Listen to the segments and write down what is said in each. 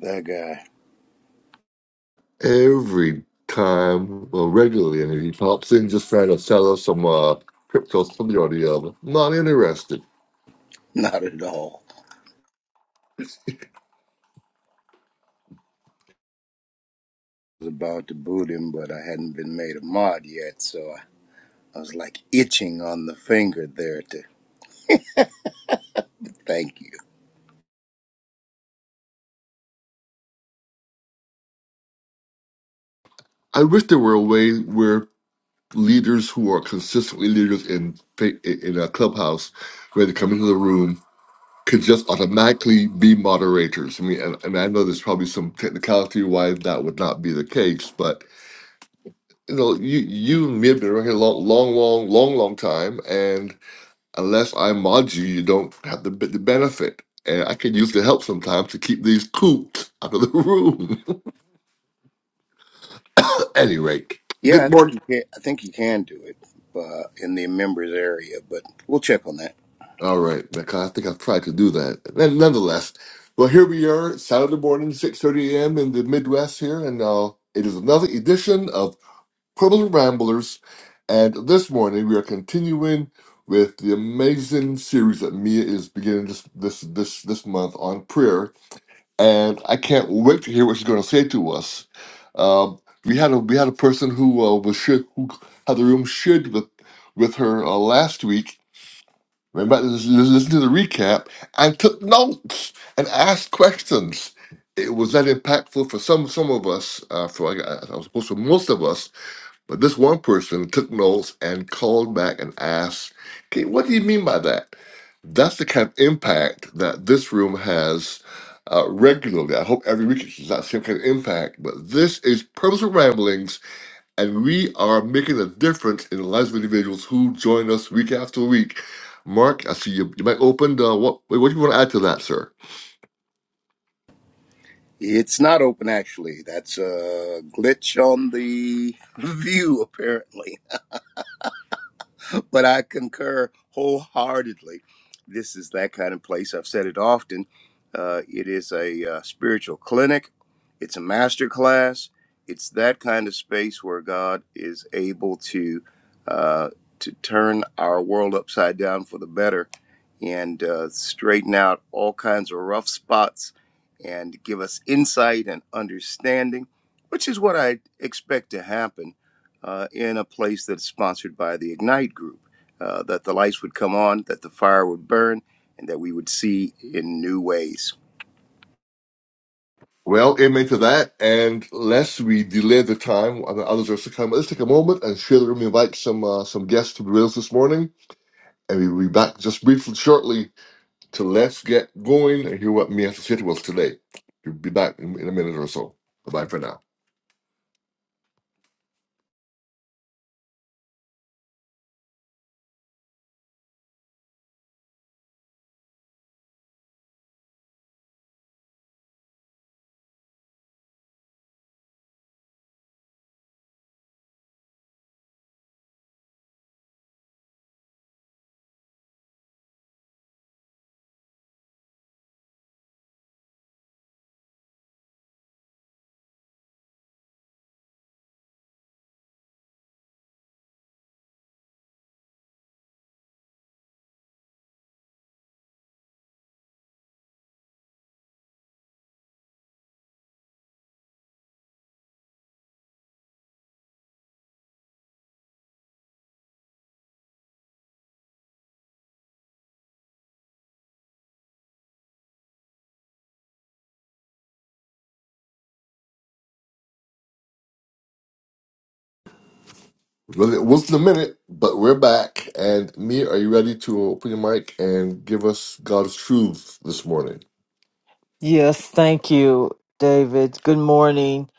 That guy. every time, well, regularly, and he pops in just trying to sell us some uh, crypto, something or the other. Not interested. Not at all. I was about to boot him, but I hadn't been made a mod yet, so I, was like itching on the finger there to thank you. I wish there were a way where leaders who are consistently leaders in fa- in a clubhouse, where they come into the room, could just automatically be moderators. I mean, and, and I know there's probably some technicality why that would not be the case, but you know, you you and me have been around here a long, long, long, long, long time, and unless I mod you, you don't have the, b- the benefit. And I can use the help sometimes to keep these coots out of the room. Any rate, Yeah, good I think morning. you can. I think you can do it uh, in the members area, but we'll check on that. All right, because I think I've tried to do that. And nonetheless, well, here we are, Saturday morning, 6.30 a.m. in the Midwest here, and uh, it is another edition of Purple Ramblers. And this morning, we are continuing with the amazing series that Mia is beginning this this this, this month on prayer and I can't wait to hear what she's going to say to us. Um, we had a we had a person who uh, was should, who had the room should with with her uh, last week. Went back to lis- lis- listen to the recap and took notes and asked questions. It was that impactful for some some of us. Uh, for I I was supposed to most of us but this one person took notes and called back and asked, okay, what do you mean by that? That's the kind of impact that this room has uh, regularly. I hope every week it's not the same kind of impact. But this is Purposeful Ramblings, and we are making a difference in the lives of individuals who join us week after week. Mark, I see you, you might open. Uh, what, what do you want to add to that, sir? It's not open actually. That's a glitch on the view apparently. but I concur wholeheartedly. This is that kind of place. I've said it often. Uh, it is a uh, spiritual clinic, it's a master class. It's that kind of space where God is able to uh, to turn our world upside down for the better and uh, straighten out all kinds of rough spots and give us insight and understanding, which is what I expect to happen uh, in a place that's sponsored by the Ignite Group, uh, that the lights would come on, that the fire would burn, and that we would see in new ways. Well, amen to that. And lest we delay the time, I know others are to come. Let's take a moment and share the room. Invite some uh, some guests to be with us this morning, and we'll be back just briefly shortly to let's get going and hear what me has to say to us today. We'll be back in, in a minute or so. Bye bye for now. Well, it wasn't a minute, but we're back. And me, are you ready to open your mic and give us God's truth this morning? Yes, thank you, David. Good morning,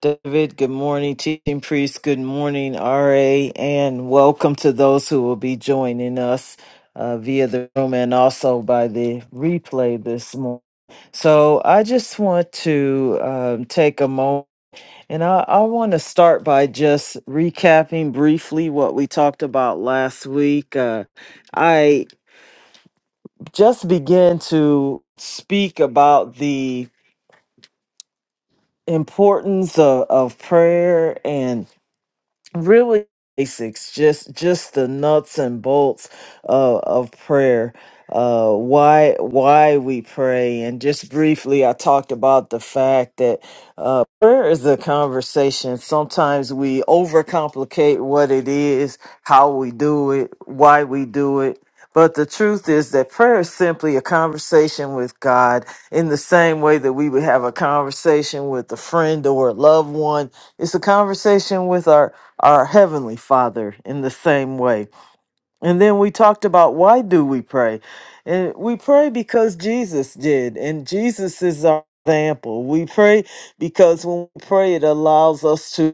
David. Good morning, teaching priest. Good morning, RA, and welcome to those who will be joining us uh, via the room and also by the replay this morning. So I just want to um, take a moment and I, I want to start by just recapping briefly what we talked about last week. Uh, I just began to speak about the importance of, of prayer and really basics just just the nuts and bolts uh, of prayer uh why why we pray and just briefly i talked about the fact that uh prayer is a conversation sometimes we overcomplicate what it is how we do it why we do it but the truth is that prayer is simply a conversation with God in the same way that we would have a conversation with a friend or a loved one. It's a conversation with our our heavenly father in the same way and then we talked about why do we pray and we pray because jesus did and jesus is our example we pray because when we pray it allows us to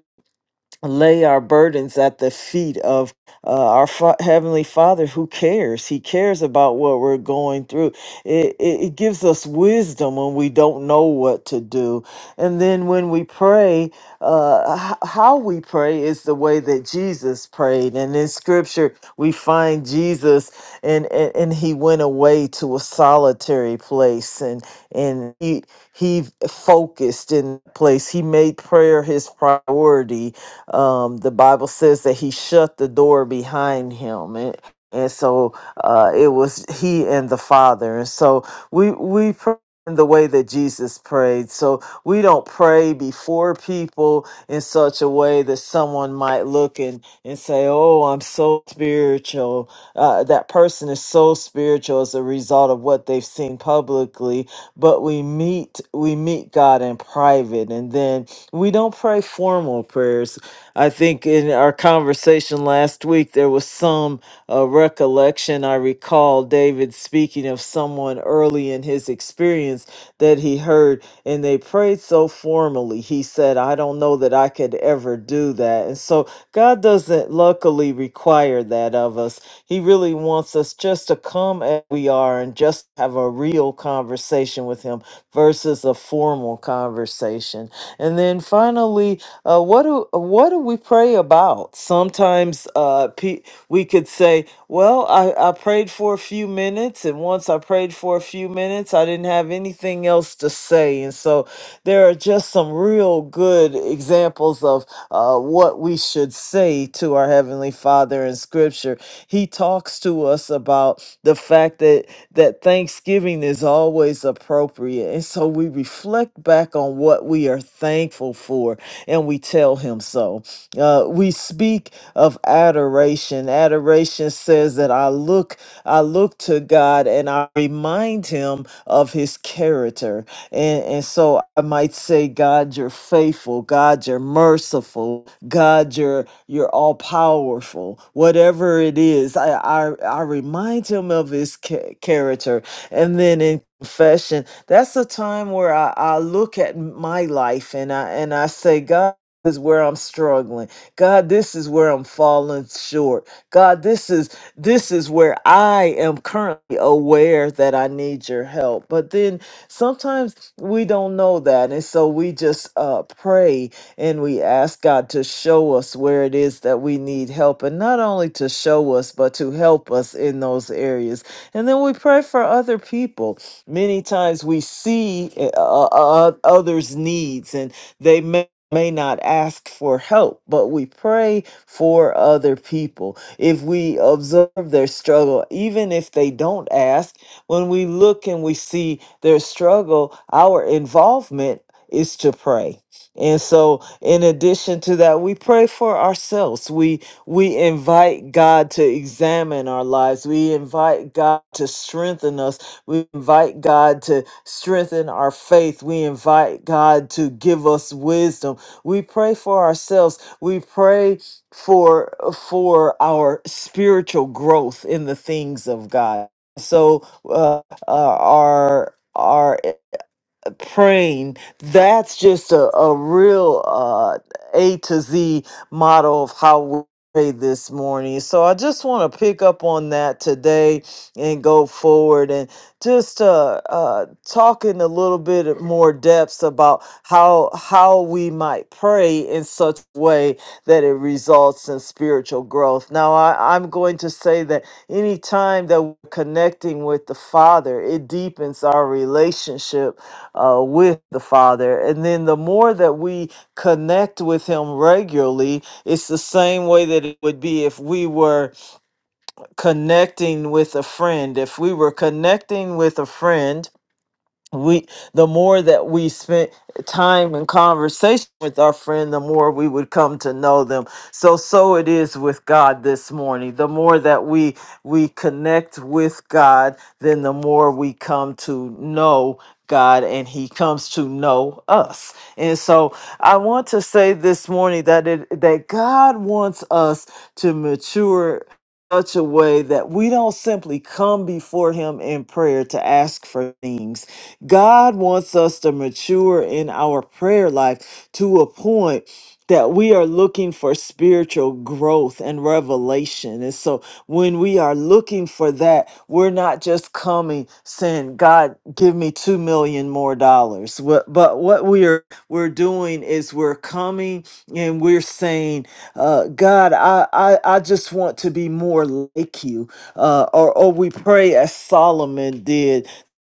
lay our burdens at the feet of uh, our fa- heavenly father who cares he cares about what we're going through it, it, it gives us wisdom when we don't know what to do and then when we pray uh, h- how we pray is the way that jesus prayed and in scripture we find jesus and and, and he went away to a solitary place and and he he focused in place he made prayer his priority um, the Bible says that he shut the door behind him. And, and so uh, it was he and the Father. And so we, we pray in the way that Jesus prayed. So we don't pray before people in such a way that someone might look and, and say, Oh, I'm so spiritual. Uh, that person is so spiritual as a result of what they've seen publicly. But we meet, we meet God in private. And then we don't pray formal prayers I think in our conversation last week, there was some uh, recollection. I recall David speaking of someone early in his experience that he heard, and they prayed so formally. He said, I don't know that I could ever do that. And so God doesn't luckily require that of us. He really wants us just to come as we are and just have a real conversation with Him versus a formal conversation. And then finally, uh, what do what do we pray about? Sometimes uh, pe- we could say, "Well, I, I prayed for a few minutes, and once I prayed for a few minutes, I didn't have anything else to say." And so there are just some real good examples of of uh, what we should say to our heavenly Father in Scripture. He talks to us about the fact that that Thanksgiving is always appropriate, and so we reflect back on what we are thankful for, and we tell Him so. Uh, we speak of adoration. Adoration says that I look, I look to God, and I remind Him of His character. And, and so I might say, God, you're faithful. God, you're merciful. God, you're you're all powerful. Whatever it is, I I, I remind him of his cha- character. And then in confession, that's a time where I, I look at my life and I and I say, God. This is where I'm struggling. God, this is where I'm falling short. God, this is this is where I am currently aware that I need your help. But then Sometimes we don't know that. And so we just uh, pray and we ask God to show us where it is that we need help. And not only to show us, but to help us in those areas. And then we pray for other people. Many times we see uh, uh, others' needs and they may. May not ask for help, but we pray for other people. If we observe their struggle, even if they don't ask, when we look and we see their struggle, our involvement is to pray. And so in addition to that, we pray for ourselves. We we invite God to examine our lives. We invite God to strengthen us. We invite God to strengthen our faith. We invite God to give us wisdom. We pray for ourselves. We pray for for our spiritual growth in the things of God. So uh, uh, are are praying. That's just a, a real uh, A to Z model of how we pray this morning. So I just want to pick up on that today and go forward and just uh, uh, talking a little bit more depths about how how we might pray in such a way that it results in spiritual growth. Now I, I'm going to say that any time that we're connecting with the Father, it deepens our relationship uh, with the Father. And then the more that we connect with Him regularly, it's the same way that it would be if we were connecting with a friend. If we were connecting with a friend, we the more that we spent time in conversation with our friend the more we would come to know them so so it is with god this morning the more that we we connect with god then the more we come to know god and he comes to know us and so i want to say this morning that it that god wants us to mature such a way that we don't simply come before him in prayer to ask for things God wants us to mature in our prayer life to a point that we are looking for spiritual growth and revelation. And so when we are looking for that, we're not just coming saying, God, give me two million more dollars. What- But what we are we're doing is we're coming and we're saying, uh, God, I, I, I just want to be more like you. Uh, or, or we pray as Solomon did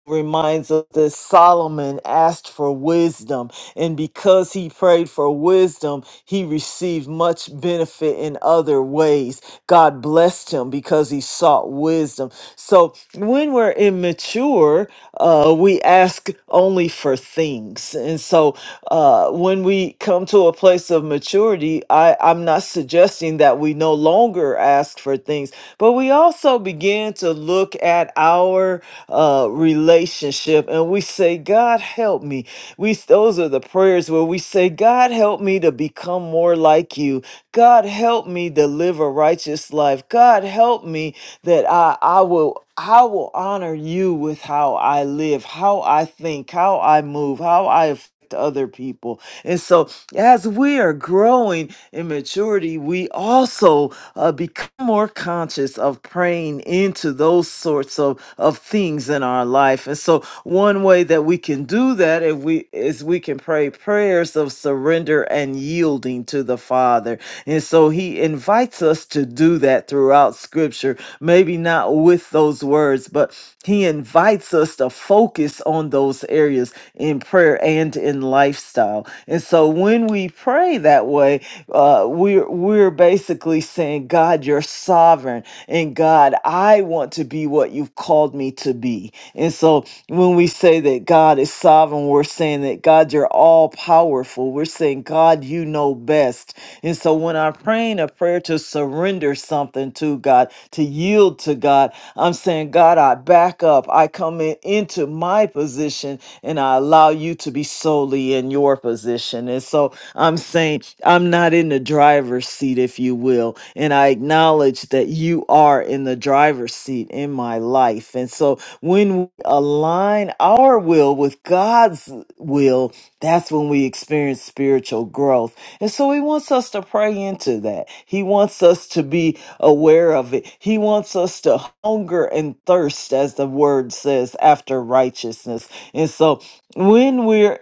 reminds us that Solomon asked for wisdom and because he prayed for wisdom, he received much benefit in other ways. God blessed him because he sought wisdom. So when we're immature, uh, we ask only for things. And so uh, when we come to a place of maturity, I, I'm not suggesting that we no longer ask for things, but we also begin to look at our uh, relationship and we say, God, help me me. We those are the prayers where we say, God help me to become more like you. God help me to live a righteous life. God help me that I I will I will honor you with how I live, how I think, how I move, how I to other people. And so, as we are growing in maturity, we also uh, become more conscious of praying into those sorts of, of things in our life. And so, one way that we can do that if we is we can pray prayers of surrender and yielding to the Father. And so, He invites us to do that throughout Scripture. Maybe not with those words, but He invites us to focus on those areas in prayer and in lifestyle. And so when we pray that way, uh, we're we're basically saying, God, you're sovereign, and God, I want to be what you've called me to be. And so when we say that God is sovereign, we're saying that God, you're all powerful. We're saying and God, you know best. And so when I'm praying a prayer to surrender something to God, to yield to God, I'm saying, God, I back up. I come in, into my position and I allow you to be solely in your position. And so I'm saying, I'm not in the driver's seat, if you will. And I acknowledge that you are in the driver's seat in my life. And so when we align our will with God's will, that's when we experience spiritual growth. And so he wants us to pray into that. He wants us to be aware of it. He wants us to hunger and thirst, as the word says, after righteousness. And so when we're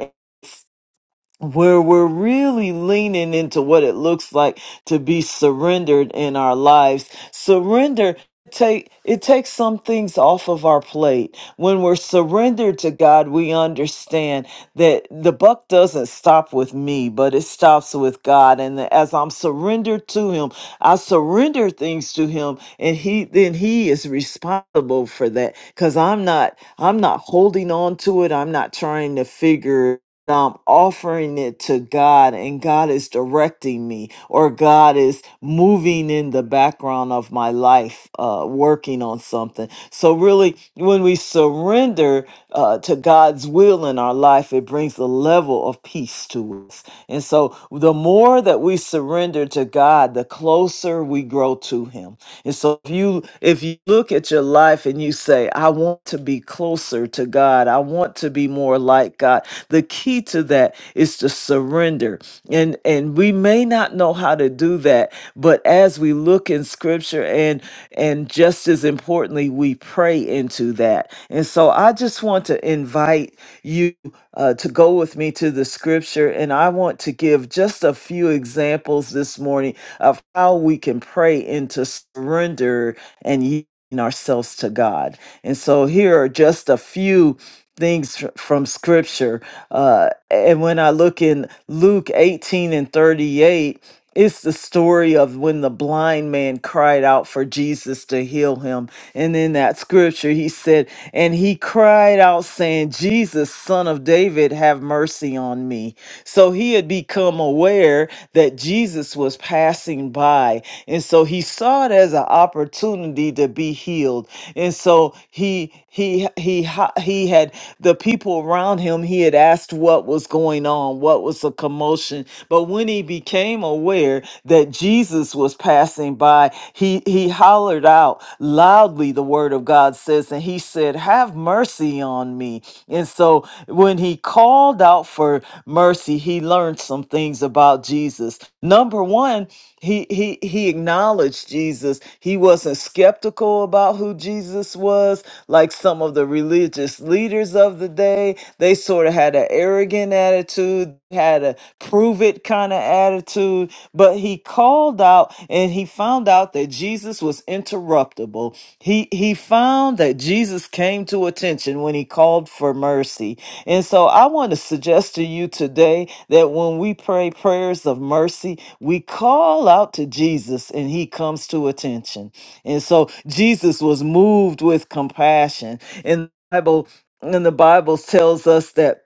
where we're really leaning into what it looks like to be surrendered in our lives. Surrender take it takes some things off of our plate. When we're surrendered to God, we understand that the buck doesn't stop with me, but it stops with God. And that as I'm surrendered to him, I surrender things to him and he then he is responsible for that cuz I'm not I'm not holding on to it. I'm not trying to figure I'm offering it to God and God is directing me or God is moving in the background of my life, uh, working on something. So, really, when we surrender uh, to God's will in our life, it brings a level of peace to us. And so, the more that we surrender to God, the closer we grow to Him. And so, if you if you look at your life and you say, "I want to be closer to God. I want to be more like God," the key to that is to surrender and and we may not know how to do that but as we look in scripture and and just as importantly we pray into that and so i just want to invite you uh, to go with me to the scripture and i want to give just a few examples this morning of how we can pray into surrender and yielding ourselves to god and so here are just a few things fr- from scripture. Uh, and when I look in Luke 18 and 38, it's the story of when the blind man cried out for Jesus to heal him. And in that scripture, he said, And he cried out, saying, Jesus, son of David, have mercy on me. So he had become aware that Jesus was passing by. And so he saw it as an opportunity to be healed. And so he he he ha- he had the people around him, he had asked what was going on, what was the commotion. But when he became aware that Jesus was passing by, he he hollered out, out loudly, the word of God says, and he said, Have mercy on me. And so when he called out for mercy, he learned some things about Jesus. Number one, he he he acknowledged Jesus. He wasn't skeptical about who Jesus was, like some of the religious leaders of the day. They sort of had an arrogant attitude attitude, had a prove it kind of attitude, but he called out and he found out that Jesus was interruptible. He he found that Jesus came to attention when he called for mercy. And so I want to suggest to you today that when we pray prayers of mercy, we call out to Jesus and he comes to attention. And so Jesus was moved with compassion. And the Bible and the Bible tells us that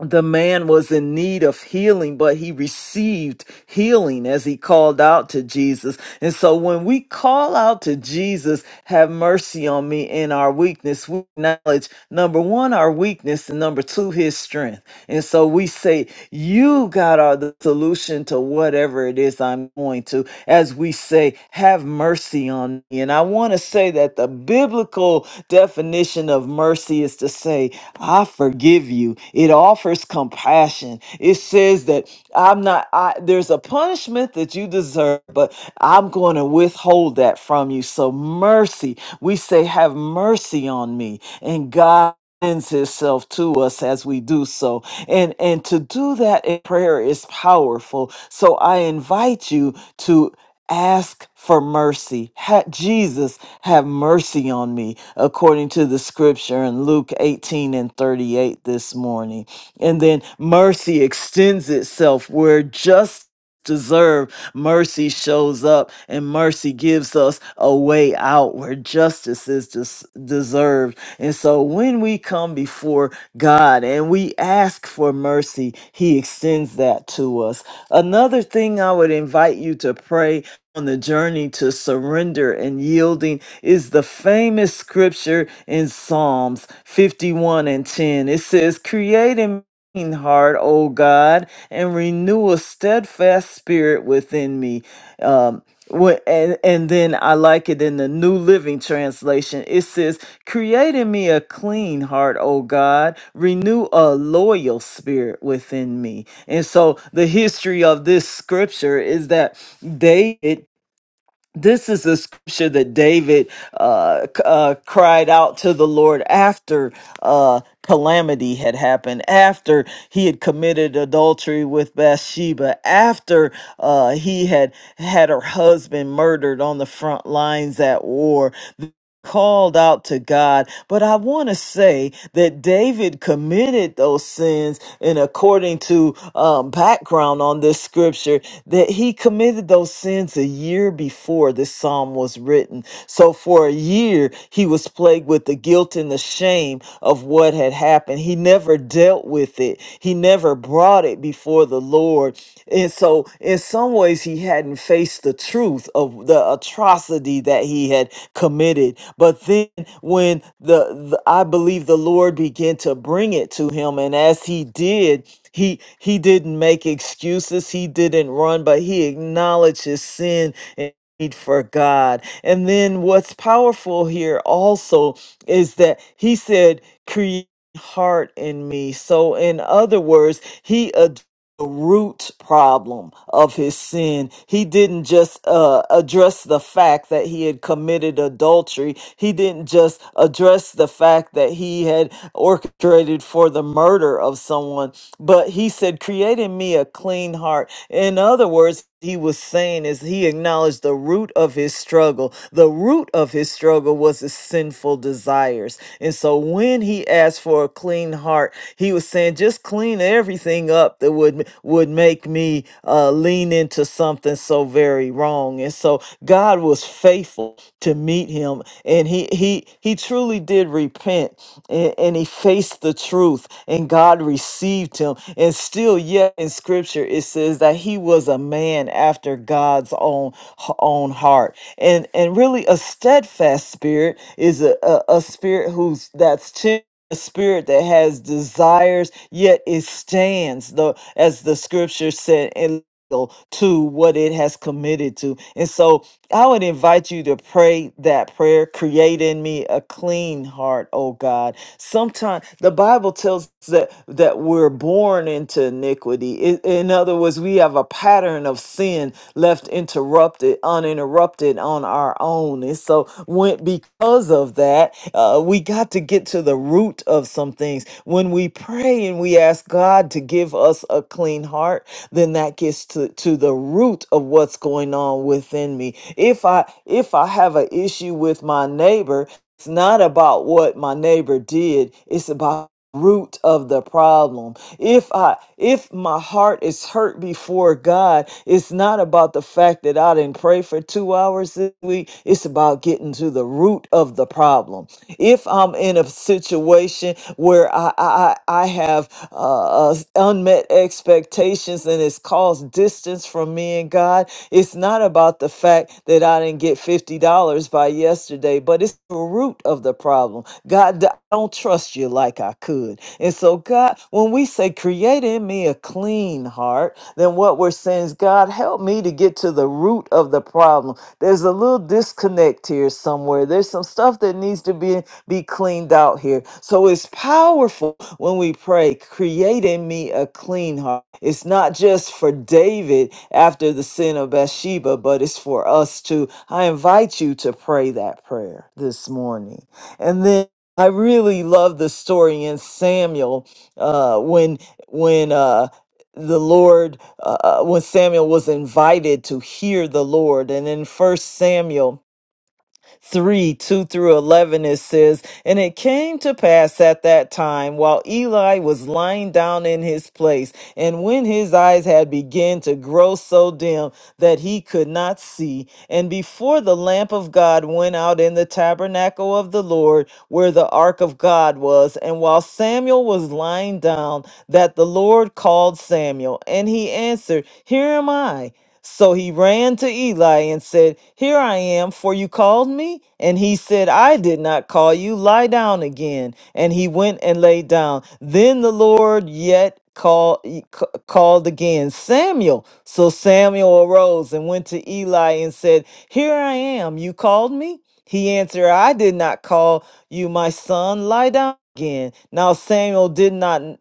the man was in need of healing, but he received healing as he called out to Jesus. And so when we call out to Jesus, have mercy on me in our weakness, we acknowledge number one, our weakness, and number two, his strength. And so we say, You, God, are the solution to whatever it is I'm going to. As we say, Have mercy on me. And I want to say that the biblical definition of mercy is to say, I forgive you. It offers compassion. It says that I'm not, I, there's a punishment that you deserve, but I'm going to withhold that from you. So, mercy, we say, Have mercy on me. And God, lends himself to us as we do so and and to do that in prayer is powerful so i invite you Ask for mercy. Ha- Jesus, have mercy on me, according to the scripture in Luke 18 and 38 this morning. And then mercy extends itself where just deserve mercy shows up and mercy gives us a way out where justice is des- deserved and so when we come before god and we ask for mercy he extends that to us another thing i would invite you to pray on the journey to surrender and yielding is the famous scripture in Psalms 51 and 10. It says, Create in me a clean heart, O God, and renew a steadfast spirit within me. Um, Wh- and and then I like it in the New Living Translation. It says, "Create in me a clean heart, O God, renew a loyal spirit within me." And so the history of this scripture is that David this is the scripture that David uh, c- uh, cried out to the Lord after uh, calamity had happened, after he had committed adultery with Bathsheba, after uh, he had had her husband murdered on the front lines at war called out to God. But I want to say that David committed those sins, and according to um, background on this scripture, that he committed those sins a year before this psalm was written. So for a year, he was plagued with the guilt and the shame of what had happened. He never dealt with it. He never brought it before the Lord. And so, in some ways, he hadn't faced the truth of the atrocity that he had committed. But then when the, the I believe the Lord began to bring it to him, and as he did, he he didn't make excuses, he didn't run, but he acknowledged his sin and need for God. And then what's powerful here also is that he said, create heart in me. So in other words, he the root problem of his sin. He didn't just uh, address the fact that he had committed adultery. He didn't just address the fact that he had orchestrated for the murder of someone, but he said, Create in me a clean heart in other words, he was saying is he acknowledged the root of his struggle. The root of his struggle was his sinful desires. And so when he asked for a clean heart, he was saying, just clean everything up that would would make me uh, lean into something so very wrong. And so know, God was faithful to meet him and he he he truly did repent and, and he faced the truth and God received him. And still yet in scripture it says that he was a man after God's own own heart. And and really a steadfast spirit is a, a, a spirit who's that's temp- a spirit that has desires yet it stands though as the scripture said to what it has committed to. And so I would invite you to pray that prayer, create in me a clean heart, oh God. Sometimes the Bible tells us that that we're born into iniquity. I- in other words, we have a pattern of sin left interrupted, uninterrupted on our own. And so, when, because of that, uh, we got to get to the root of some things. When we pray and we ask God to give us a clean heart, then that gets to, to the root of what's going on within me. If I if I have an issue with my neighbor, it's not about what my neighbor did. It's about root of the problem if i if my heart is hurt before god it's not about the fact that i didn't pray for two hours this week it's about getting to the root of the problem if i'm in a situation where i i i I have uh, uh unmet expectations and it's caused distance from me and god it's not about the fact that i didn't get $50 by yesterday but it's the root of the problem god don't trust you like I could. And so, God, when we say, create in me a clean heart, then what we're saying is, God, help me to get to the root of the problem. There's a little disconnect here somewhere. There's some stuff that needs to be, be cleaned out here. So it's powerful when we pray, create in me a clean heart. It's not just for David after the sin of Bathsheba, but it's for us too. I invite you to pray that prayer this morning. And then I really love the story in Samuel uh, when when uh, the Lord uh, uh, when Samuel was invited to hear the Lord, and in First Samuel 3 2 through 11, it says, And it came to pass at that time, while Eli was lying down in his place, and when his eyes had begun to grow so dim that he could not see, and before the lamp of God went out in the tabernacle of the Lord, where the ark of God was, and while Samuel was lying down, that the Lord called Samuel, and he answered, Here am I. So he ran to Eli and said, Here I am, for you called me? And he said, I did not call you. Lie down again. And he went and lay down. Then the Lord yet call, e- c- called again, Samuel. So Samuel arose and went to Eli and said, Here I am, you called me? He answered, I did not call you my son. Lie down again. Now Samuel did not n-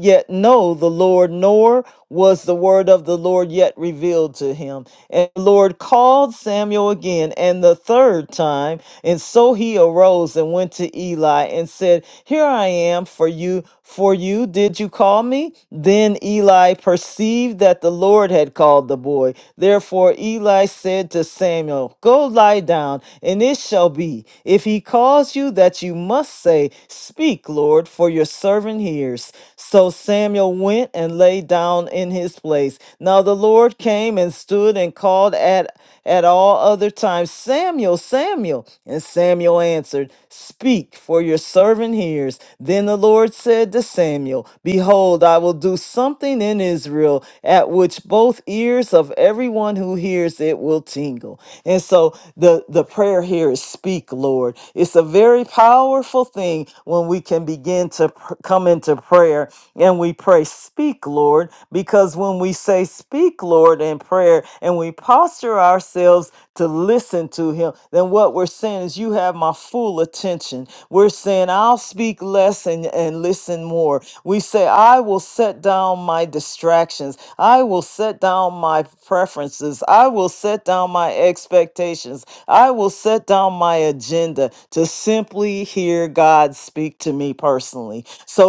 yet know the Lord, nor was the word of the Lord yet revealed to him. And the Lord called Samuel again, and the third time. And so he arose and went to Eli and said, Here I am, for you for you did you call me? Then Eli perceived that the Lord had called the boy. Therefore Eli said to Samuel, Go lie down, and it shall be, if he calls you, that you must say, Speak, Lord, for your servant hears. So Samuel went and lay down in his place. Now the Lord came and stood and called at at all other times, Samuel, Samuel. And Samuel answered, Speak, for your servant hears. Then the Lord said to Samuel, Behold, I will do something in Israel at which both ears of everyone who hears it will tingle. And so the, the prayer here is speak, Lord. It's a very powerful thing when we can begin to pr- come into prayer and we pray. Speak, Lord, because when we say, Speak, Lord, in prayer, and we posture ourselves to listen to Him, then what we're saying is, You have my full attention. We're saying, I'll speak less and, and listen more. We say, I will set down my distractions. I will set down my preferences. I will set down down my expectations. I will set down my agenda to simply hear God speak to me personally. So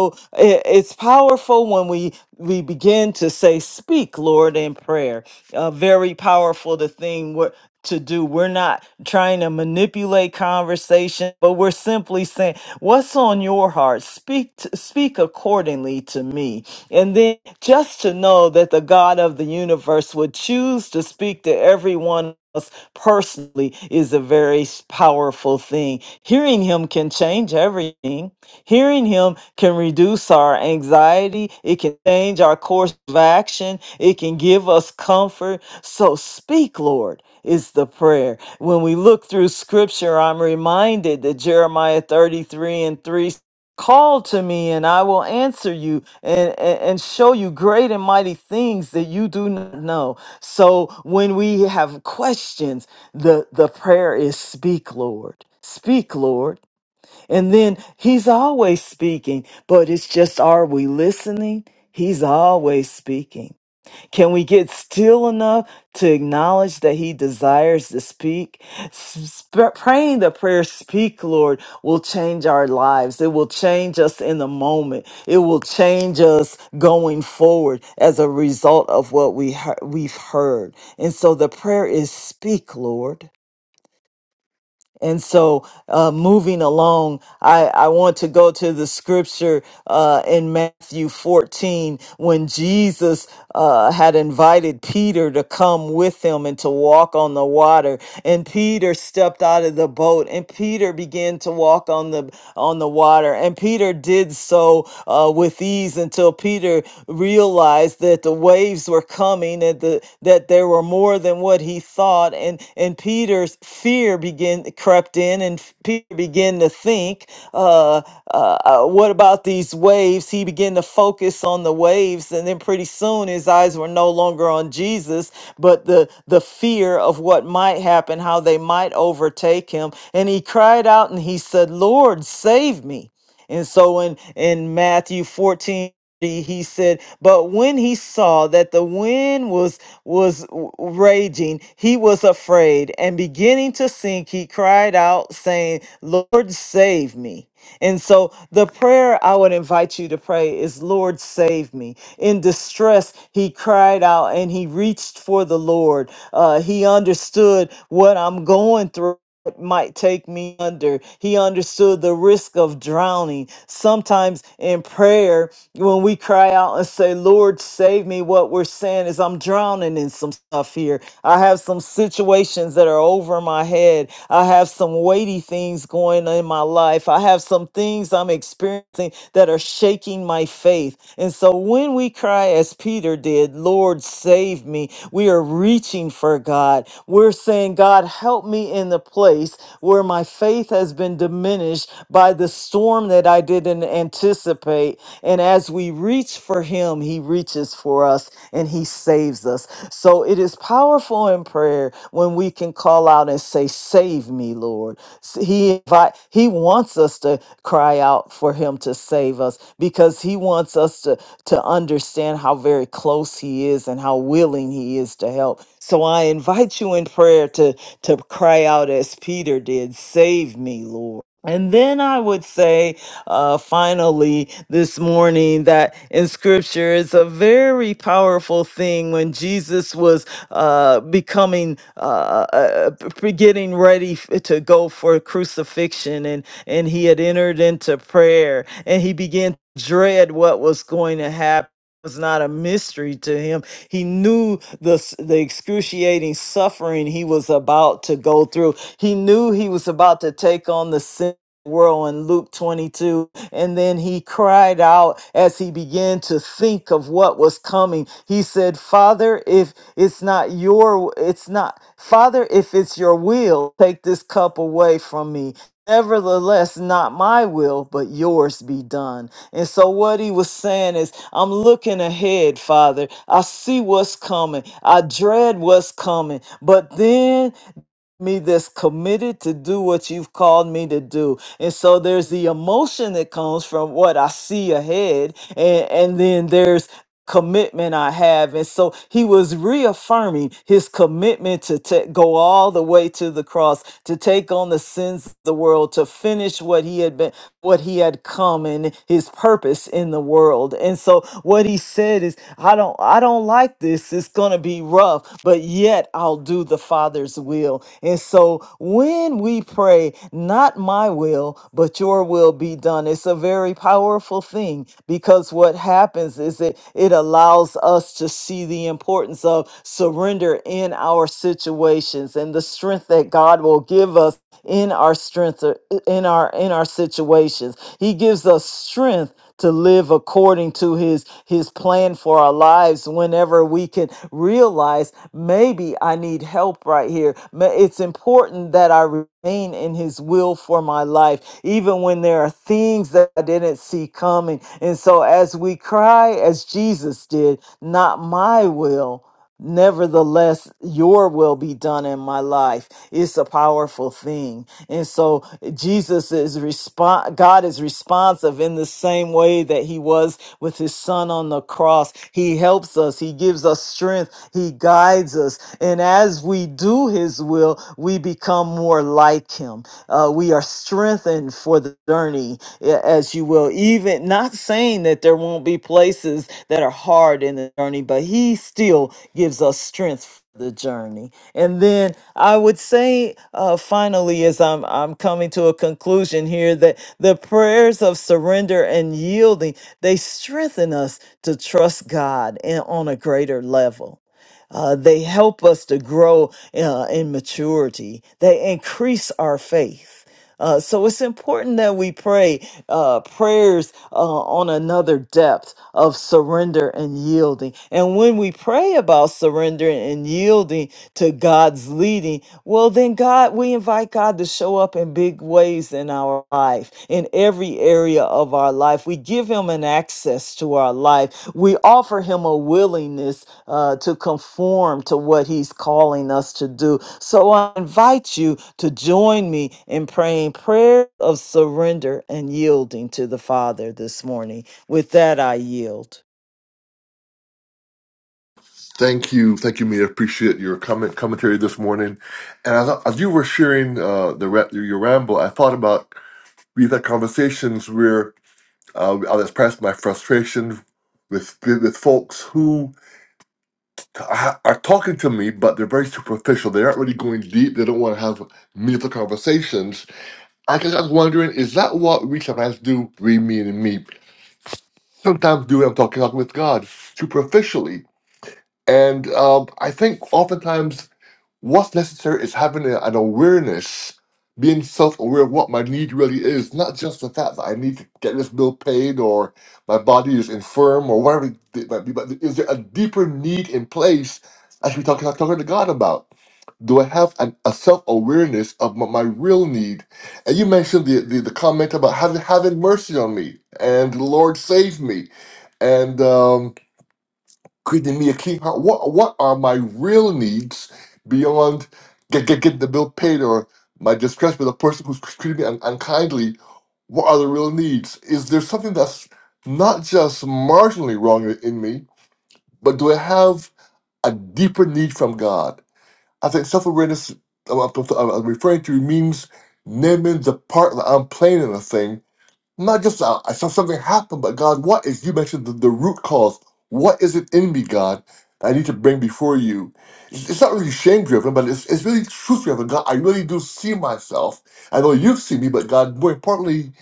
i- it's powerful when we we begin to say, "Speak, Lord," in prayer. Uh, very powerful. The thing what to do. We're not trying to manipulate conversation, but we're simply saying, "What's on your heart? Speak, to, speak accordingly to me." And then just to know that the God of the universe would choose to speak to everyone us personally is a very s- powerful thing. Hearing him can change everything. Hearing him can reduce our anxiety. It can change our course of action. It can give us comfort. So speak, Lord, is the prayer. When we look through scripture, I'm reminded that Jeremiah 33 and 3 Call to me and I will answer you and, and, and show you great and mighty things that you do not know. So when we have questions, the, the prayer is speak, Lord. Speak, Lord. And then he's always speaking, but it's just are we listening? He's always speaking. Can we get still enough to acknowledge that He desires to speak? Sp- praying the prayer, Speak, Lord, will change our lives. It will change us in the moment. It will change us going forward as a result of what we he- we've heard. And so the prayer is, Speak, Lord. And so, uh, moving along, I, I want to go to the scripture uh, in Matthew 14 when Jesus uh, had invited Peter to come with him and to walk on the water. And Peter stepped out of the boat, and Peter began to walk on the on the water. And Peter did so uh, with ease until Peter realized that the waves were were coming and the, that there were more than what he thought and and Peter's fear began crept in and Peter began to think uh, uh, uh, what about these waves he began to focus on the waves and then pretty soon his eyes were no longer on Jesus but the the fear of what might happen how they might overtake him and he cried out and he said Lord save me and so in in Matthew 14 he said but when he saw that the wind was was w- raging he was afraid and beginning to sink he cried out saying lord save me and so the prayer i would invite you to pray is lord save me in distress he cried out and he reached for the lord uh, he understood what i'm going through what might take me under. He understood the risk of drowning. Sometimes in prayer, when we cry out and say, Lord, save me, what we're saying is, I'm drowning in some stuff here. I have some situations that are over my head. I have some weighty things going on in my life. I have some things I'm experiencing that are shaking shaking my faith. And so when we cry as Peter did, Lord, save me, we are reaching for God. We're saying, God, help me in the place where my faith has been diminished by the storm that I didn't anticipate. And as we reach for Him, He reaches for us and He saves us. So it is powerful in prayer when we can call out and say, "Save me, Lord." S- He invite He wants us to cry out for Him to save us because He wants us to to understand how very close He is and how willing He is to help. So I invite you in prayer to to cry out as Peter did, "Save me, Lord." And then I would say, uh, finally, this morning, that in scripture is a very powerful thing when Jesus was uh, becoming, uh, uh, uh, p- getting ready f- to go for crucifixion. And, and he had entered into prayer and he began to dread what was going to happen was not a mystery to him. He knew the s- the excruciating suffering he was about to go through. He knew he was about to take on the sin world in Luke 22 and then he cried out as he began to think of what was coming. He said, Father, if it's not your, it's not, Father, if it's your will, take this cup away from me. Nevertheless, not my will, but yours be done. And so, what he was saying is, I'm looking ahead, Father. I see what's coming. I dread what's coming. But then me that's committed to do what you've called me to do. And so there's the emotion that comes from what I see ahead and and then there's commitment I have. And so he was reaffirming his commitment to ta- go all the way to the cross, to take on the sins of the world, to finish what he had been, what he had come and his purpose in the world. And so what he said is, I don't, I don't like this weeks. It's going to be rough, but yet I'll do the Father's will. And so when we pray, not my will, but your will be done, it's a very powerful thing because what happens is it, it allows us to see the importance of surrender in our situations and the strength that God will give us in our strength uh, in our in our situations. He gives us strength to live according to his his plan for our lives whenever we can realize maybe I need help right here. Ma- It's important that I remain in his will for my life even when there are things that I didn't see coming. And so as we cry as Jesus did, not my will Nevertheless, your will be done in my life. It's a powerful thing. And so Jesus is respon God is responsive in the same way that he was with his son on the cross. He helps us. He gives us strength. He guides us. And as we do his will, we become more like him. Uh, we are strengthened for the for the journey, a- as you will. Even not saying that there won't be places that are hard in the journey, but He still gives us strength for the journey. And then I would say, uh, finally, as I'm I'm coming to a conclusion here, that the prayers of surrender and yielding they strengthen us to trust God and on a greater level. Uh, they help us to grow uh, in maturity. They increase our faith. Uh, so it's important that we pray uh, prayers uh, on another depth of surrender and yielding. And when we pray about surrendering and yielding to God's leading, well, then God, we invite God to show up in big ways in our life, in every area of our life. We give Him an access to our life. We offer Him a willingness uh, to conform to what He's calling us to do. So I invite you to join me in praying prayer of surrender and yielding to the Father this morning. With that, I yield. Thank you, thank you, Mia. Appreciate your comment commentary this morning. And as, as you were sharing uh, the ra- your ramble, I thought about we've had conversations where uh, I'll express my frustration with with folks who ha- are talking to me, but they're very superficial. They aren't really going deep. They don't want to have meaningful conversations. I guess I was wondering, is that what we sometimes do? We, me, and me. Sometimes do when I'm talking, talking with God superficially. And um, I think oftentimes What's necessary is having a- an awareness, being self aware of what my need really is, not just the fact that I need to get this bill paid or my body is infirm or whatever it might be, but is there a deeper need in place I should be talking, talking to God about? Do I have an, a self awareness of my, my real need? And you mentioned the, the, the comment about having, having mercy on me and the Lord save me. And. um, creating me a clean heart. What what are my real needs beyond get get get the bill paid or my distress with a person who's treating me un- unkindly? What are the real needs? Is there something that's not just marginally wrong in me, but do I have a deeper need from God? I think self awareness I'm I'm- I'm referring to means naming the part that I'm playing in a thing not just uh, I saw something happen, but God, what is you mentioned the, the root cause? What is it in me, God? that I need to bring before you. It's, it's not really shame driven, but it's, it's really truth driven. God, I really do see myself. I know you see me, but God, more importantly,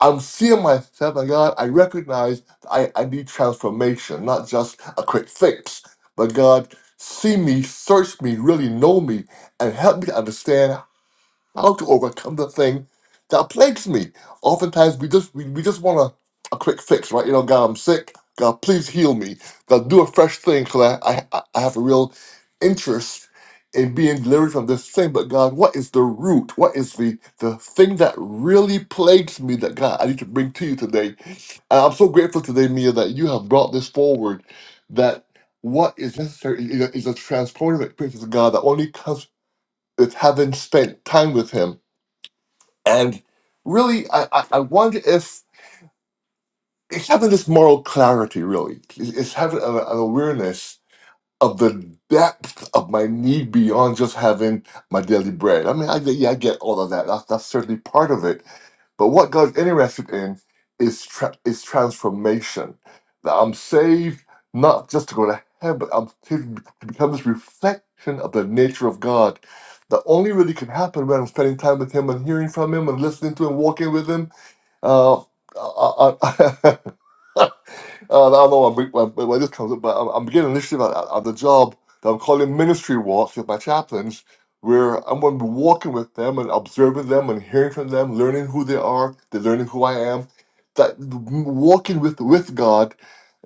I'm seeing myself, and God, I recognize I, I need transformation, not just a quick fix, but God, see me, search me, really know me, and help me to understand how to overcome the thing that plagues me. Oftentimes, we just we, we just want a, a quick fix, right? You know, God, I'm sick. God, please heal me. God, do a fresh thing because I, I I have a real interest in being delivered from this thing. But God, what is the root? What is the the thing that really plagues me? That God, I need to bring to you today. And I'm so grateful today, Mia, that you have brought this forward. That what is necessary is a, is a transformative experience with God that only comes with having spent time with Him and really, I, I, I wonder if it's having this moral clarity, really. It's it's having an, an awareness of the depth of my need beyond just having my daily bread. I mean, I, get- yeah, I get all of that. That's, that's certainly part of it. But what God's interested in is, tra- is transformation. That I'm saved not just to go to heaven, but I'm saved to become this reflection of the nature of God. That only really can happen when I'm spending time with Him and hearing from Him and listening to Him, walking with Him uh, I, I, Uh, I don't know where, where, where this comes up, but I'm, I'm beginning an initiative at, at at the job that I'm calling ministry walks with my chaplains, where I'm going to be walking with them and observing them and hearing from them, learning who they are, they're learning who I am. That walking with with God,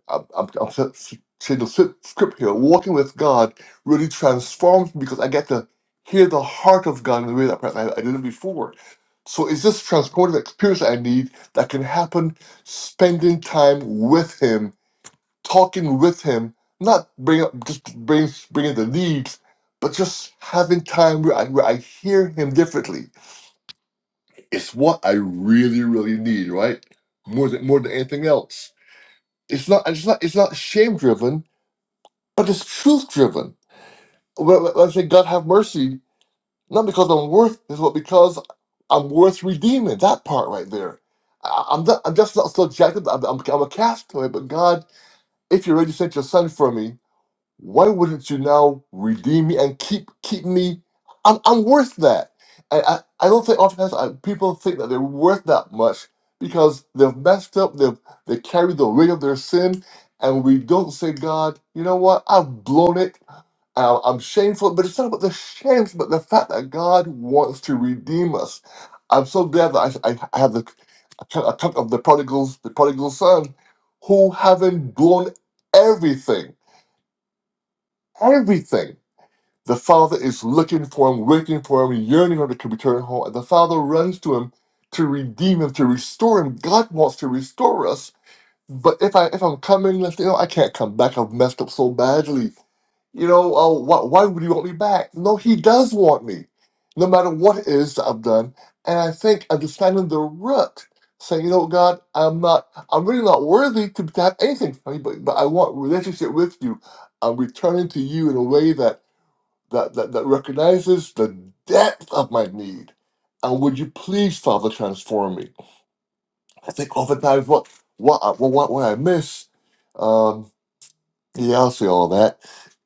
I'm, I'm, I'm s- s- saying the s- script here, walking with God really transforms me because I get to hear the heart of God in a way that perhaps I, I didn't before so it's this transformative experience that I need that can happen spending time with him, talking with him, not bring up just bring bringing the leads, but just having time where I, where I hear him differently. It's what I really really need, right? More than more than anything else. It's not it's not it's not shame driven, but it's truth driven. When, when I say God have mercy, Not because I'm worth this, but because I'm worth redeeming. That part right there. I, I'm, not, I'm just not subjective. I'm, I'm, I'm a castaway, but God, if you're sent your son for me, why wouldn't you now redeem me and keep keep me? I'm, I'm worth that. I, I, I don't think oftentimes I, people think that they're worth that much because they've messed up, they've they carry the weight of their sin, and we don't say, God, you know what? I've blown it. I- I'm shameful, but it's not about the shame, but the fact that God wants to redeem us. I'm so glad that I, I, I have the account of the prodigals, the prodigal son, who having blown everything everything. The father is looking for him, waiting for him, yearning for him to return home. And the father runs to him to redeem him, to restore him. God wants to restore us. But if I if I'm coming, let's say, oh, I can't come back. I've messed up so badly. You know, oh, why, why would he want me back? No, he does want me, no matter what it is that I've done. And I think understanding the root, saying, you know, God, I'm not, I'm really not worthy to, to have anything from you, but, but I want relationship with you. I'm returning to you in a way that that, that, that recognizes the depth of my need. And would you please, Father, transform me? I think oftentimes what what I, what, what I miss, um, yeah, I'll say all that,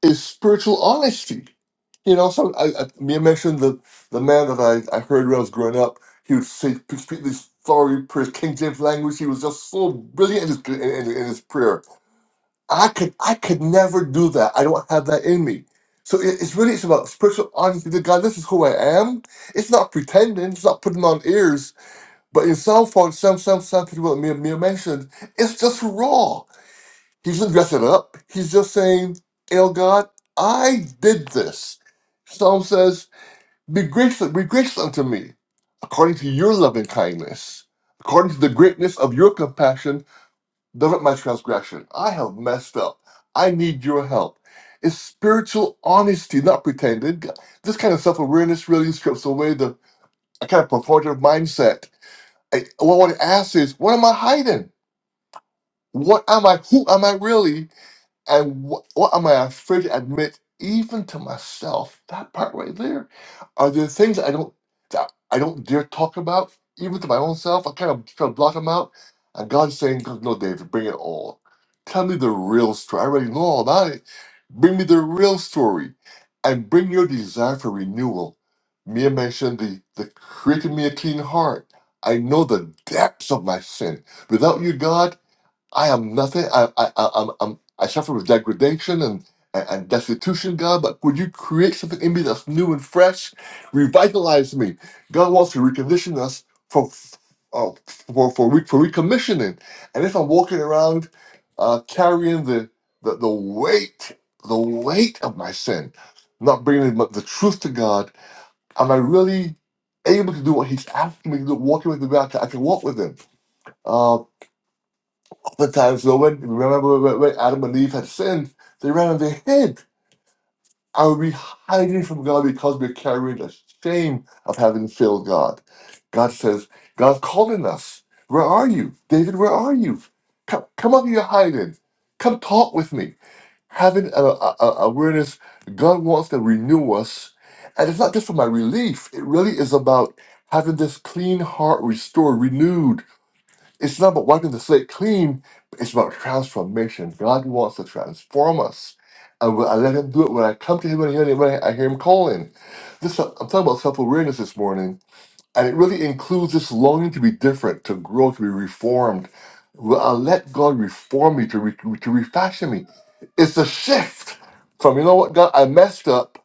is spiritual honesty. You know, so I, I, me mentioned the, the man that I, I heard when I was growing up. He would say, speak this sorry prayer, King James language. He was just so brilliant in his, in, in in his prayer I could I could never do that. I don't have that in me. So it, it's really it's about spiritual honesty to God. This is who I am. It's not pretending. It's not putting on ears. But in some form, some some some people that Mia, Mia mentioned, it's just raw. He's just dressing up. He's just saying, "El God, I did this." Psalm says, "Be grateful, be grateful unto me, according to your loving kindness, according to the greatness of your compassion." Develop my transgression. I have messed up. I need your help. It's spiritual honesty, not pretended. This kind of self awareness really strips away the a kind of performative mindset. I, what I want to ask is, what am I hiding? What am I? Who am I really? And wh- what am I afraid to admit, even to myself? That part right there. Are there things I don't that I don't dare talk about, even to my own self? I kind of try to block them out. And God's saying, "No, David, bring it all. Tell me the real story. I already know all about it. Bring me the real story, and bring your desire for renewal." Mia mentioned the the created me a clean heart. I know the depths of my sin. Without you, God. I am nothing. I I I I'm, I'm, I suffer with degradation and, and and destitution, God. But would you create something in me that's new and fresh, revitalize me? God wants to recondition us for uh, for for re, for recommissioning. And if I'm walking around uh, carrying the, the the weight the weight of my sin, not bringing the the truth to God, am I really able to do what He's asking me to do? Walking with the God, I can walk with Him. Um, the times though, when remember when, when Adam and Eve had sinned, they ran on their head. And we hiding from God because we're carrying the shame of having failed God. God says, God's calling us. Where are you? David, where are you? Come, come up your hiding. Come talk with me. Having a, a, a awareness, God wants to renew us. And it's not just for my relief, it really is about having this clean heart restored, renewed it's not about wiping the slate clean, but it's about transformation. God wants to transform us. And when I let Him do it when I come to Him and hear Him, when I I hear Him calling. This I'm talking about self awareness this morning, and it really includes this longing to be different, to grow, to be reformed. Will I let God reform me, to, re, to refashion me? It's a shift from, you know what, God, I messed up.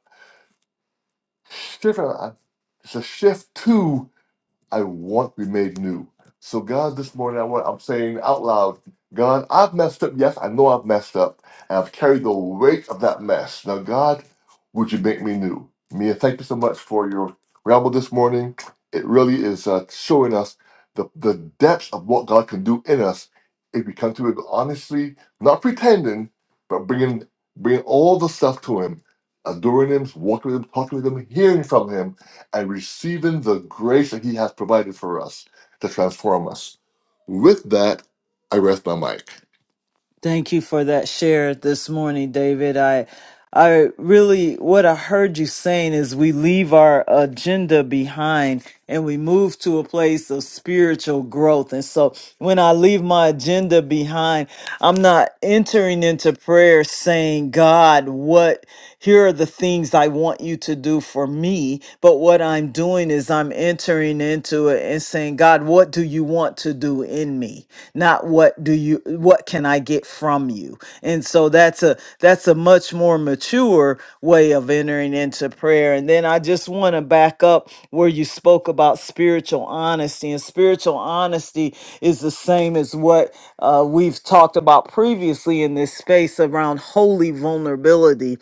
Shift, uh, It's a shift too. I want to be made new. So God, this morning I want I'm saying out loud, God, I've messed up. Yes, I know I've messed up. And I've carried the weight of that mess. Now, God, would you make me new? Mia, thank you so much for your ramble this morning. It really is uh, showing us the, the depth of what God can do in us if we come to it honestly, not pretending, but bringing bringing all the stuff to Him, adoring Him, walking with Him, talking with Him, hearing from Him, and receiving the grace that He has provided for us to transform us. With that, I rest my mic. Thank you for that share this morning, David. I I really what I heard you saying is we leave our agenda behind and we move to a place of spiritual growth. And so when I leave my agenda behind, I'm not entering into prayer saying, God, what here are the things I want you to do for me. But what I'm doing is I'm entering into it and saying, God, what what do you want to do in me? Not what do you what can I get from you? And so that's a that's a much more mature way of entering into prayer. And then I just want to back up where you spoke about spiritual honesty. And spiritual honesty is the same as what uh, we've talked about previously in this space around holy vulnerability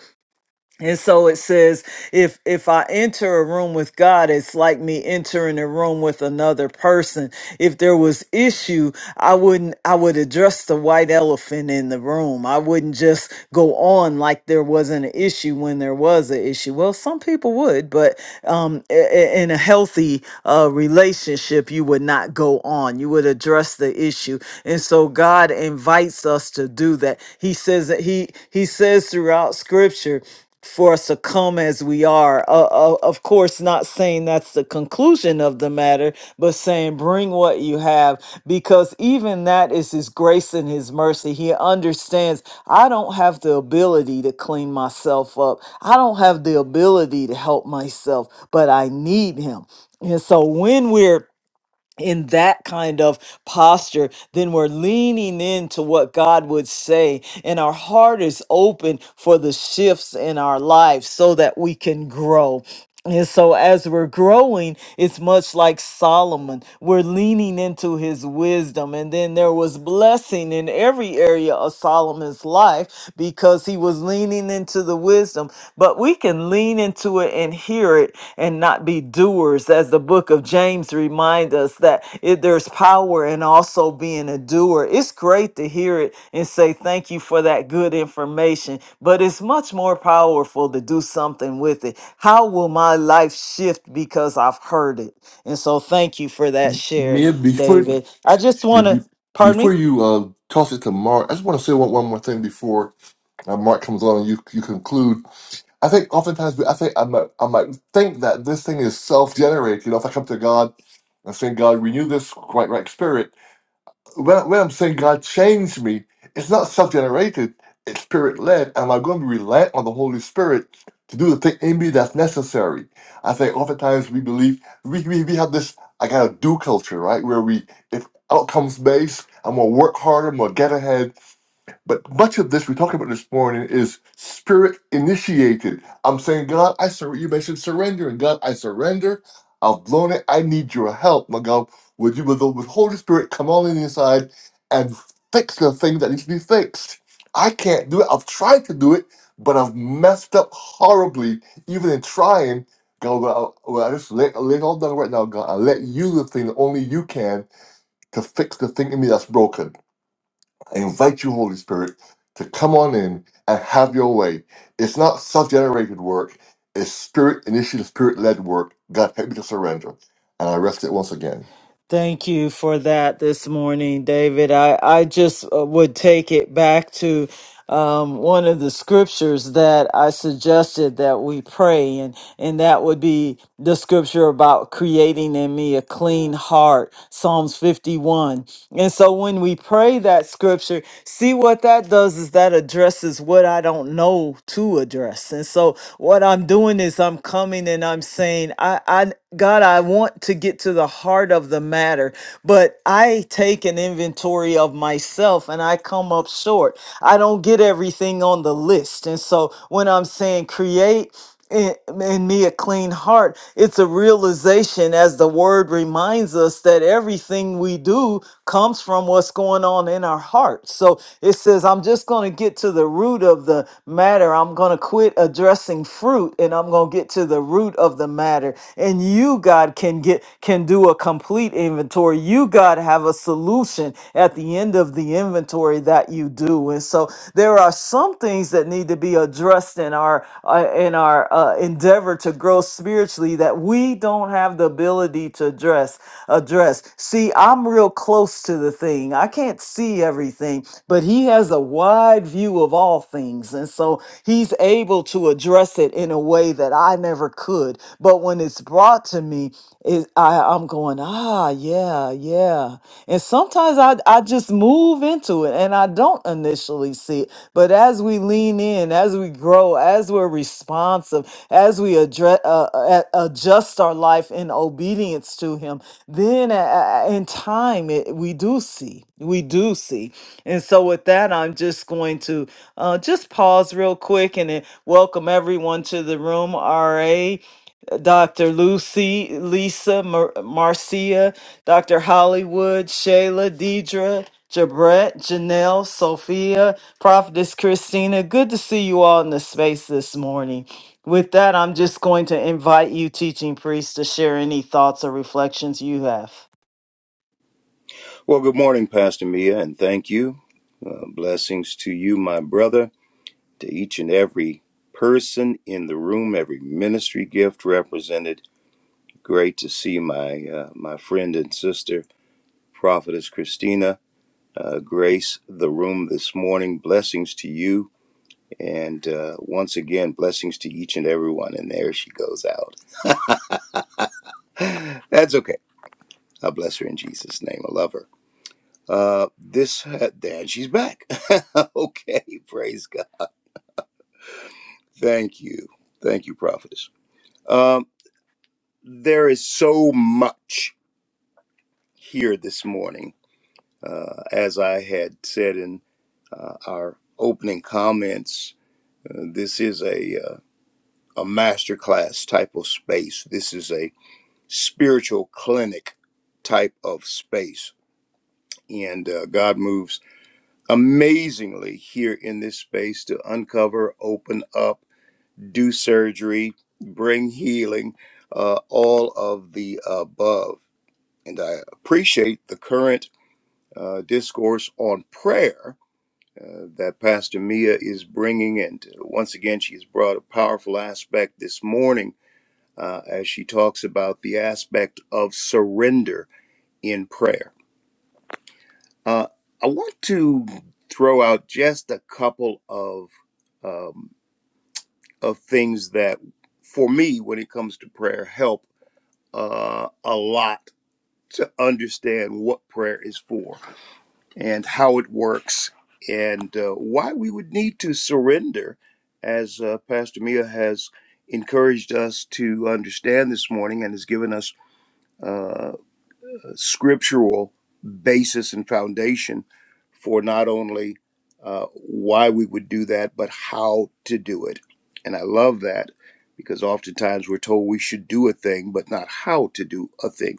and so it says, if if I enter a room with God, it's like me entering a room with another person. If there was issue, I wouldn't I would address the white elephant in the room. I wouldn't just go on like there wasn't an issue when there was an issue. Well, some people would, but um, i- i- in a healthy uh, relationship, you would not go on. You would address the issue, and so God invites us to do that. He says that he he says throughout Scripture for succumb as we are. Uh, uh, of course, not saying that's the conclusion of the matter, but saying bring what you have, because even that is His grace and His mercy. He understands I don't have the ability to clean myself up, I don't have the ability to help myself, but I need Him. And so when we're in that kind of posture, then we're leaning into what God would say, and our heart is open for the shifts in our lives so that we can grow. And so, as we're growing, it's much like Solomon. We're leaning into his wisdom. And then there was blessing in every area of Solomon's life because he was leaning into the wisdom. But we can lean into it and hear it and not be be doers, as the book of James reminds us that it, there's power in also being a doer. It's great to hear it and say thank you for that good information, but it's much more powerful to do something with it. How will my life shift because I've heard it? And so, thank you for that share, Mia, before David. I just be- want be- to, pardon me? before you uh, toss it to Mark, I just want to say one, one more thing before uh, Mark comes on and you you conclude. I think oftentimes we- I think I might I might think that this thing is self generated. You know, if I come to God and say, God, renew this right right spirit. when, when I'm saying God changed me, it's not self generated, it's spirit led. And I'm going to rely on the Holy Spirit to do the thing in me that's necessary. I think oftentimes we believe we, we, we have this I gotta do culture, right? Where we, if outcomes based, I'm gonna work harder, I'm gonna get ahead. But much of this we're talking about this morning is spirit initiated. I'm saying, God, I surrender. You mentioned surrendering. God, I surrender. I've blown it. I need your help. My God, would you, with the with Holy Spirit, come on in inside and fix the thing that needs to be fixed? I can't do it. I've tried to do it, but I've messed up horribly, even in trying. God, well, I, well, I just lay, lay it all down right now, God. I let you do the thing that only you can to fix the thing in me that's broken. I invite you, Holy Spirit, to come on in and have your way. It's not self generated work, it's spirit initiated, spirit led work. God, help me to surrender. And I rest it once again. Thank you for that this morning, David. I, I just uh, would take it back to um, one of the scriptures that I suggested that we pray, and, and that would be the scripture about creating in me a clean heart, Psalms 51. And so when we pray that scripture, see what that does is that addresses what I don't know to address. And so what I'm doing is I'm coming and I'm saying, I, I, God, I want to get to the heart of the matter, but I take an inventory of myself and I come up short. I don't get everything on the list. And so when I'm saying create, in, in me a clean heart. It's a realization, as the word reminds us, that everything we do comes from what's going on in our heart. So it says, I'm just going to get to the root of the matter. I'm going to quit addressing fruit and I'm going to get to the root of the matter. And you, God, can get, can do a complete inventory. You, God, have a solution at the end of the the inventory that you do. And so there are some things that need to be addressed in our uh, in our uh, endeavor to grow spiritually that we don't have the ability to address address. See, I'm real close to the thing. I can't see everything, but he has a wide view of all things. And so he's able to address it in a way that I never could. But when it's brought to me, is I I'm going ah yeah yeah, and sometimes I I just move into it and I don't initially see it, but as we lean in, as we grow, as we're responsive, as we address uh, uh, adjust our life in obedience to Him, then uh, uh, uh, in time it, we do see we do see, and so with that I'm just going to uh, just pause real quick and then welcome everyone to the room. Ra Dr. Lucy, Lisa, Mar- Marcia, Dr. Hollywood, Shayla, Deidre, Jabret, Janelle, Sophia, Prophetess Christina. Good to see you all in the space this morning. With that, I'm just going to invite you, teaching priests, to share any thoughts or reflections you have. Well, good morning, Pastor Mia, and thank you. Uh, blessings to you, my brother, to each and every person in the room, every ministry gift represented. Great to see my uh, my friend and sister, Prophetess Christina. Uh, grace the room this morning. Blessings to you And uh, once again, blessings to each and everyone. And there she goes out. That's okay. I bless her in Jesus' name. I love her. Uh, this, uh, and she's back. okay. Praise God. Thank you. Thank you, prophetess. Um, there is so much here this morning. Uh, as I had said in uh, our opening comments, uh, this is a, uh, a masterclass type of space. This is a spiritual clinic type of space. And uh, God moves amazingly here in this space to uncover, open up, do surgery, bring healing, uh, all of the above. And I appreciate the current uh, discourse on prayer. Uh, that Pastor Mia is bringing. And uh, once again, she's brought a powerful aspect this morning uh, as she talks about the aspect of surrender in prayer Uh, I want to throw out just a couple of um, of things that, for me, when it comes to prayer, help uh, a lot to understand what prayer is for and how it works and uh, why we would need to surrender, as uh, Pastor Mia has encouraged us to understand this morning and has given us uh, scriptural basis and foundation for not only uh, why we would do that, but how to do it. And I love that because oftentimes we're told we should do a thing, but not how to do a thing.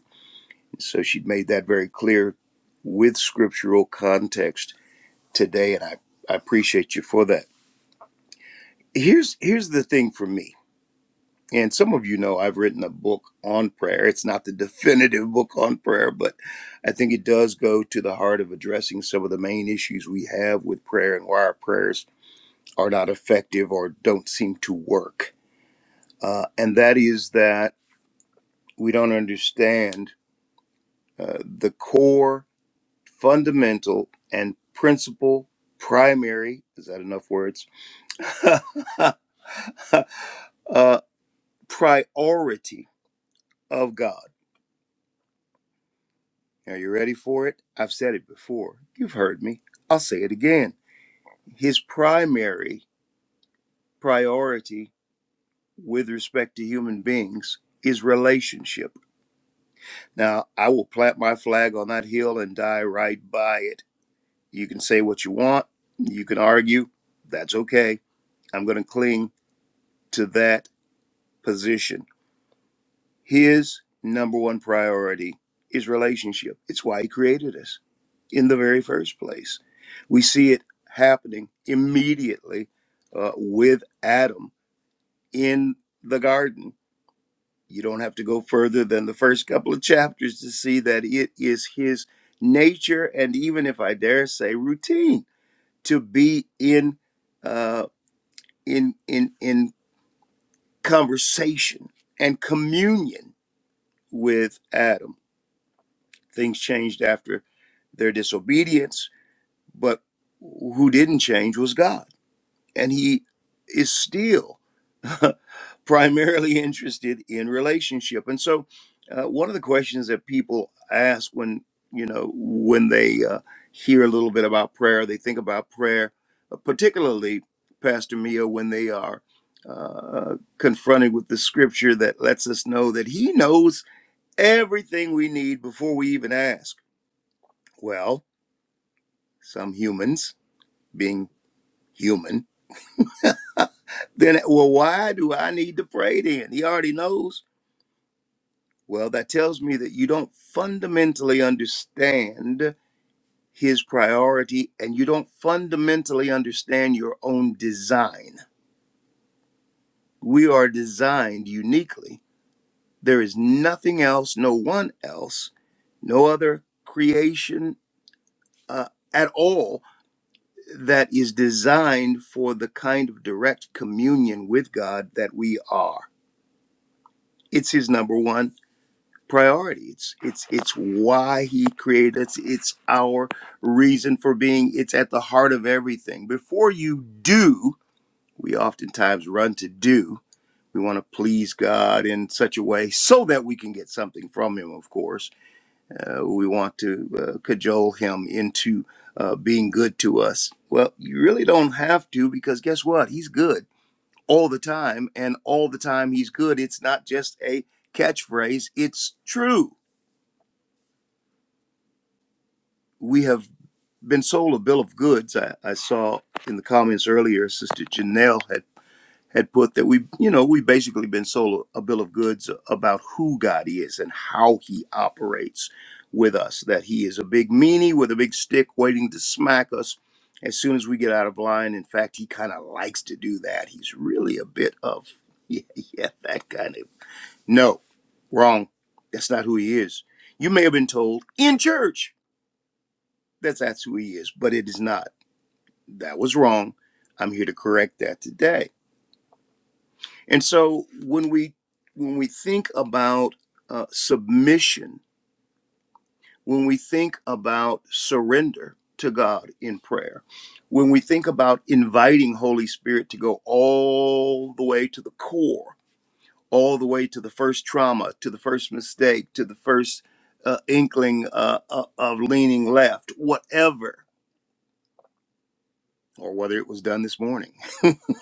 So she made that very clear with scriptural context today, and I, I appreciate you for that. Here's here's the thing for me and some of you know I've written a book on prayer. It's not the definitive book on prayer, but I think it does go to the heart of addressing some of the main issues we have with prayer and why our prayers are not effective or don't seem to work. Uh, and that is that we don't understand uh, the core, fundamental, and principal, primary is that enough words? uh, priority of God Are you ready for it? I've said it before. You've heard me. I'll say it again. His primary priority with respect to human beings is relationship. Now, I will plant my flag on that hill and die right by it. You can say what you want, you can argue. That's okay. I'm going to cling to that position His number one priority is relationship. It's why he created us in the very first place. We see it happening immediately uh, with Adam in the garden. You don't have to go further than the first couple of chapters to see that it is his nature, and even if I dare say, routine to be in uh, in in in conversation and communion with Adam Things changed after their disobedience, but who didn't change was God. And He is still primarily interested in relationship. And so, uh, one of the questions that people ask when you know when they uh, hear a little bit about prayer, they think about prayer, uh, particularly Pastor Mia when they are uh, confronted with the scripture that lets us know that He knows everything we need before we even ask well, some humans being human. Then, well, why do I need to pray then? He already knows. Well, that tells me that you don't fundamentally understand his priority and you don't fundamentally understand your own design. We are designed uniquely. There is nothing else, no one else, no other creation uh, at all that is designed for the kind of direct communion with God that we are. It's his number one priority. It's it's it's why he created us. It's our reason for being. It's at the heart of everything. Before you do, we oftentimes run to do. We want to please God in such a way so that we can get something from him, of course uh, we want to uh, cajole him into uh, being good to us. Well, you really don't have to because guess what? He's good all the time, and all the time he's good. It's not just a catchphrase, it's true. We have been sold a bill of goods. I, I saw in the comments earlier, Sister Janelle had had put that we you know we've basically been sold a bill of goods about who god is and how he operates with us that he is a big meanie with a big stick waiting to smack us as soon as we get out of line in fact he kind of likes to do that he's really a bit of yeah, yeah that kind of no wrong that's not who he is you may have been told in church that that's who he is but it is not that was wrong i'm here to correct that today And so when we when we think about uh, submission, when we think about surrender to God in prayer, when we think about inviting Holy Spirit to go all the way to the core, all the way to the first trauma, to the first mistake, to the first uh, inkling uh, uh, of leaning left, whatever, or whether it was done this morning,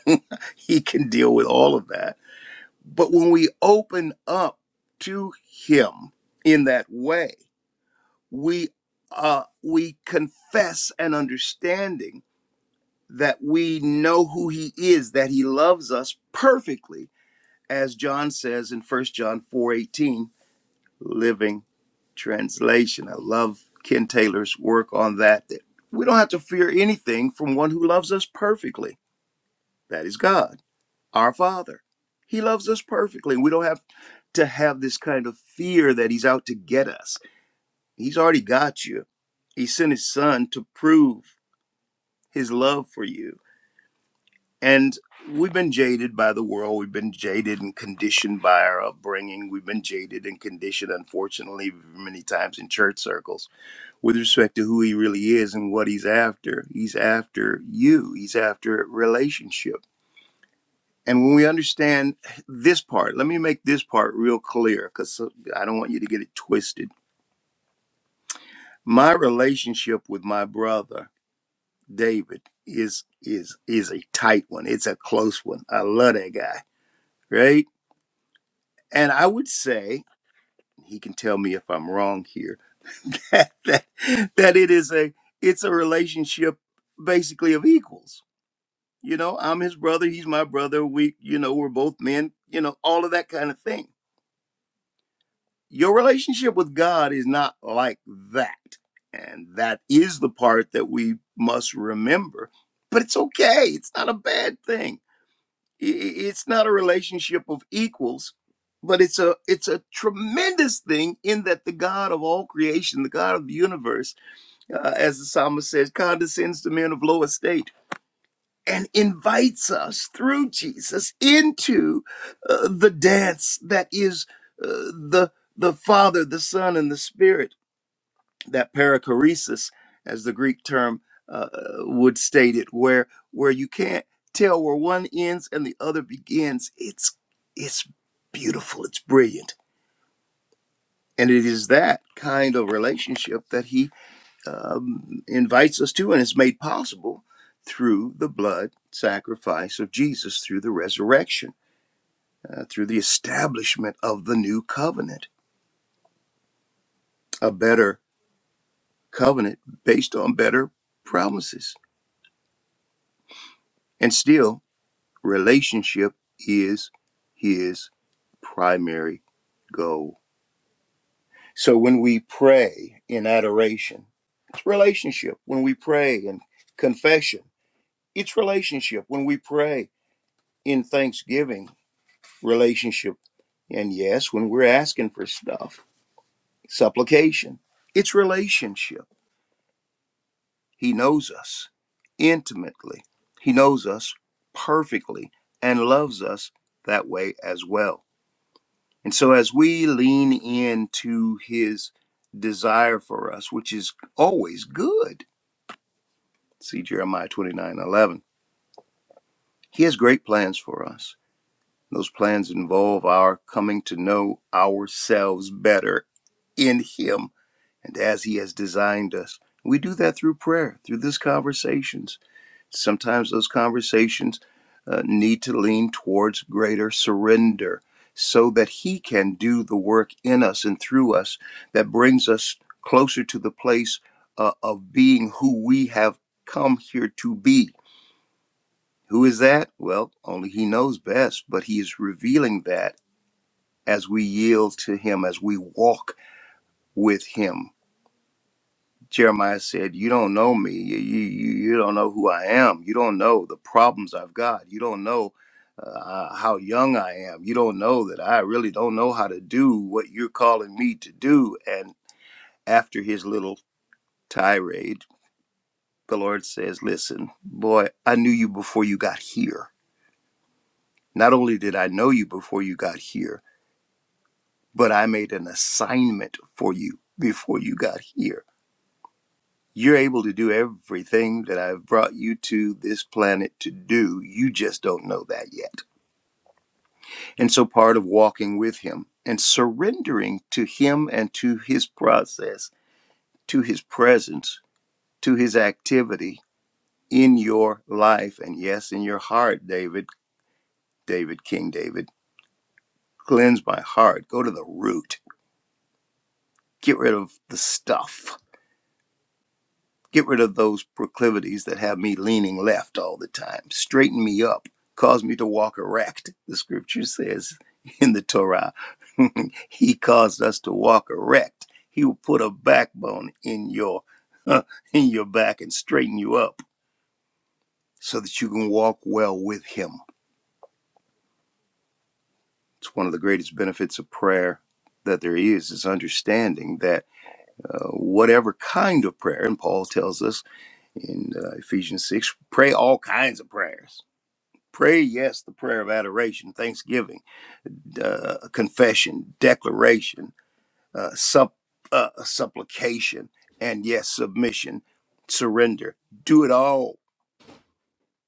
he can deal with all of that But when we open up to Him in that way, we uh, we confess an understanding that we know who He is, that He loves us perfectly, as John says in First John four eighteen, Living Translation. I love Ken Taylor's work on that. That we don't have to fear anything from one who loves us perfectly. That is God. our Father. He loves us perfectly. We don't have to have this kind of fear that He's out to get us. He's already got you. He sent His Son to prove His love for you. And we've been jaded by the world. We've been jaded and conditioned by our upbringing. We've been jaded and conditioned, unfortunately, many times in church circles with respect to who He really is and what He's after. He's after you, He's after relationship And when we understand this part, let me make this part real clear because I don't want you to get it twisted. My relationship with my brother David is is is a tight one. It's a close one. I love that guy, right? And I would say he can tell me if I'm wrong here that that that it is a it's a relationship basically of equals. You know, I'm his brother, he's my brother. We, you know, we're both men. You know, all of that kind of thing your relationship with God is not like that. And that is the part that we must remember. But it's okay, it's not a bad thing. I- i- It's not a relationship of equals, but it's a it's a tremendous thing in that the God of all creation, the God of the universe, uh, as the psalmist says, condescends to men of low estate and invites us through Jesus into uh, the dance that is uh, the the Father, the Son, and the Spirit. That perichoresis, as the Greek term uh, would state it, where where you can't tell where one ends and the other begins. It's it's beautiful. It's brilliant, and it is that kind of relationship that he um, invites us to and is made possible through the blood sacrifice of Jesus, through the resurrection, uh, through the establishment of the new covenant, a better covenant based on better promises. And still, relationship is his primary goal. So when we pray in adoration, it's relationship. When we pray in confession, it's relationship. When we pray in thanksgiving, relationship. And yes, when we're asking for stuff, supplication, it's relationship. He knows us intimately, He knows us perfectly, and loves us that way as well. And so, as we lean into His desire for us, which is always good, see Jeremiah 29 11. He has great plans for us. Those plans involve our coming to know ourselves better in Him and as He has designed us. We do that through prayer, through these conversations. Sometimes those conversations uh, need to lean towards greater surrender so that He can do the work in us and through us that brings us closer to the place uh, of being who we have come here to be. Who is that? Well, only He knows best, but He is revealing that as we yield to Him, as we walk with Him. Jeremiah said, You don't know me. You, you, you you don't know who I am. You don't know the problems I've got. You don't know uh, uh, how young I am. You don't know that I really don't know how to do what you're calling me to do. And after his little tirade, the Lord says, Listen, boy, I knew you before you got here. Not only did I know you before you got here, but I made an assignment for you before you got here You're able to do everything that I've brought you to this planet to do. You just don't know that yet. And so, part of walking with Him and surrendering to Him and to His process, to His presence, to His activity in your life, and yes, in your heart, David, David, King David, cleanse my heart. Go to the root, get rid of the stuff Get rid of those proclivities that have me leaning left all the time. Straighten me up. Cause me to walk erect, the scripture says in the Torah. he caused us to walk erect. He will put a backbone in your uh, in your back and straighten you up so that you can walk well with him. It's one of the greatest benefits of prayer that there is is understanding that uh, whatever kind of prayer and Paul tells us in uh, Ephesians 6 pray all kinds of prayers Prayer, yes, the prayer of adoration, thanksgiving, uh, confession, declaration, uh, sup, uh, supplication, and yes, submission, surrender. Do it all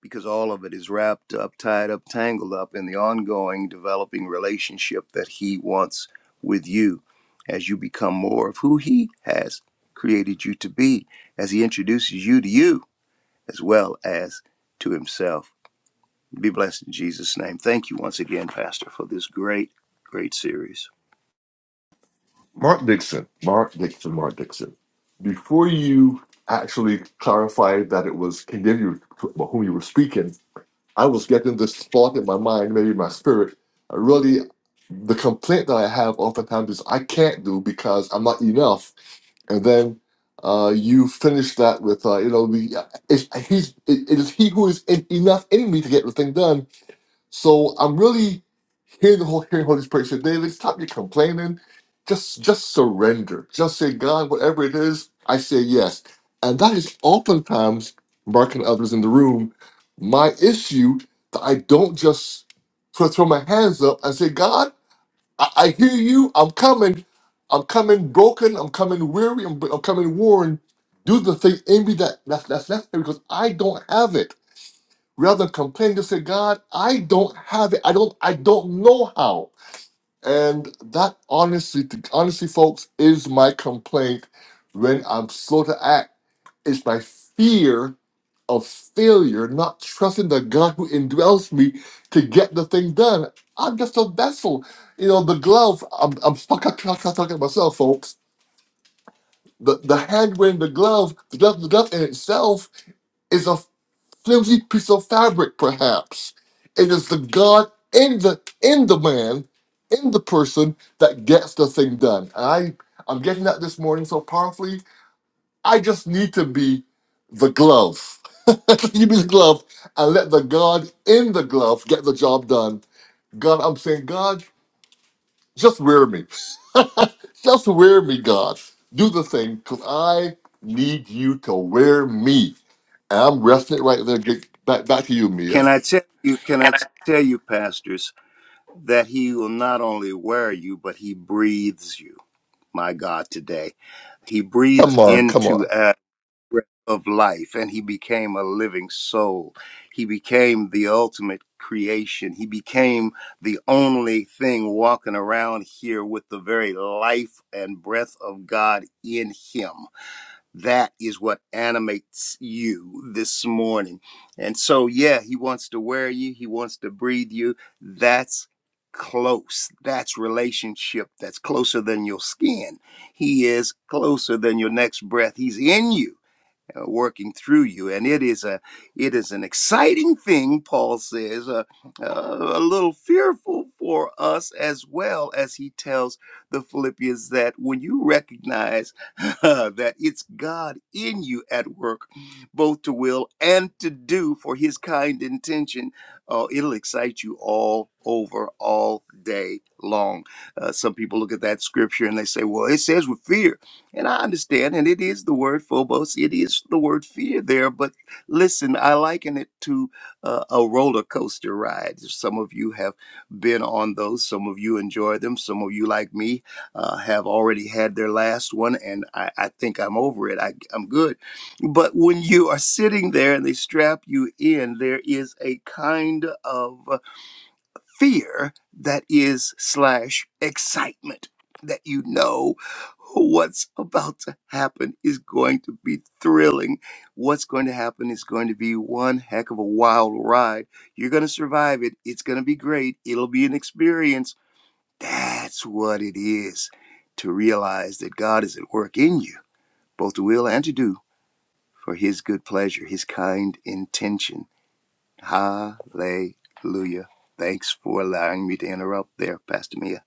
because all of it is wrapped up, tied up, tangled up in the ongoing developing relationship that He wants with you as you become more of who He has created you to be, as He introduces you to you as well as to Himself. Be blessed in Jesus' name. Thank you once again, Pastor, for this great, great series. Mark Dixon, Mark Dixon, Mark Dixon. Before you actually clarified that it was condemned you about whom you were speaking, I was getting this thought in my mind, maybe my spirit. Really, the complaint that I have oftentimes is I can't do because I'm not enough and then uh, you finish that with uh, you know the it's, he's it, it is he who is in, enough in me to get the thing done. So I'm really hearing the whole hearing Holy Spirit say, David, stop your complaining. Just just surrender. Just say, God, whatever it is, I say yes. And that is oftentimes Mark and others in the room. My issue that I don't just throw throw my hands up and say, God. I, I hear you. I'm coming. I'm coming broken. I'm coming weary. I'm, I'm coming worn. Do the thing in me that that's, that's necessary because I don't have it. Rather than complain, just say, God, I don't have it. I don't. I don't know how. And that honestly, honestly, folks, is my complaint when I'm slow to act. It's by fear of failure, not trusting the God who indwells me to get the thing done. I'm just a vessel. You know, the glove, I'm, I'm stuck I'm talking to myself, folks. The, the hand wearing the glove, the glove, the glove in itself is a flimsy piece of fabric, perhaps. It is the God in the in the man, in the person that gets the thing done. I I'm getting that this morning so powerfully I just need to be the glove. you be the glove and let the God in the glove get the job done. God, I'm saying, God, just wear me. Just wear me, God. Do the thing, because I need you to wear me. And I'm resting it right there. Get back, back to you, Can Mia. I tell you, can I tell you, pastors, that he will not only wear you, but he breathes you. My God, today. He breathed Come on, come into on. a breath of life and he became a living soul. He became the ultimate creation. He became the only thing walking around here with the very life and breath of God in him. That is what animates you this morning. And so, yeah, he wants to wear you, he wants to breathe you. That's close. That's relationship that's closer than your skin. He is closer than your next breath. He's in you uh, working through you and it is a it is an exciting thing paul says uh, uh, a little fearful for us as well as he tells the philippians that when you recognize that it's god in you at work both to will and to do for his kind intention uh, it'll excite you all over all day long uh, some people look at that scripture and they say well it says with fear and I understand, and it is the word phobos, it is the word fear there, but listen, I liken it to uh, a roller coaster ride. Some of you have been on those, some of you enjoy them, some of you, like me, uh, have already had their last one, and I, I think I'm over it. I, I'm good. But when you are sitting there and they strap you in, there is a kind of fear that is slash excitement that you know what's about to happen is going to be thrilling what's going to happen is going to be one heck of a wild ride you're going to survive it it's going to be great it'll be an experience that's what it is to realize that god is at work in you both to will and to do for his good pleasure his kind intention Hallelujah. Thanks for allowing me to interrupt there, Pastor Mia.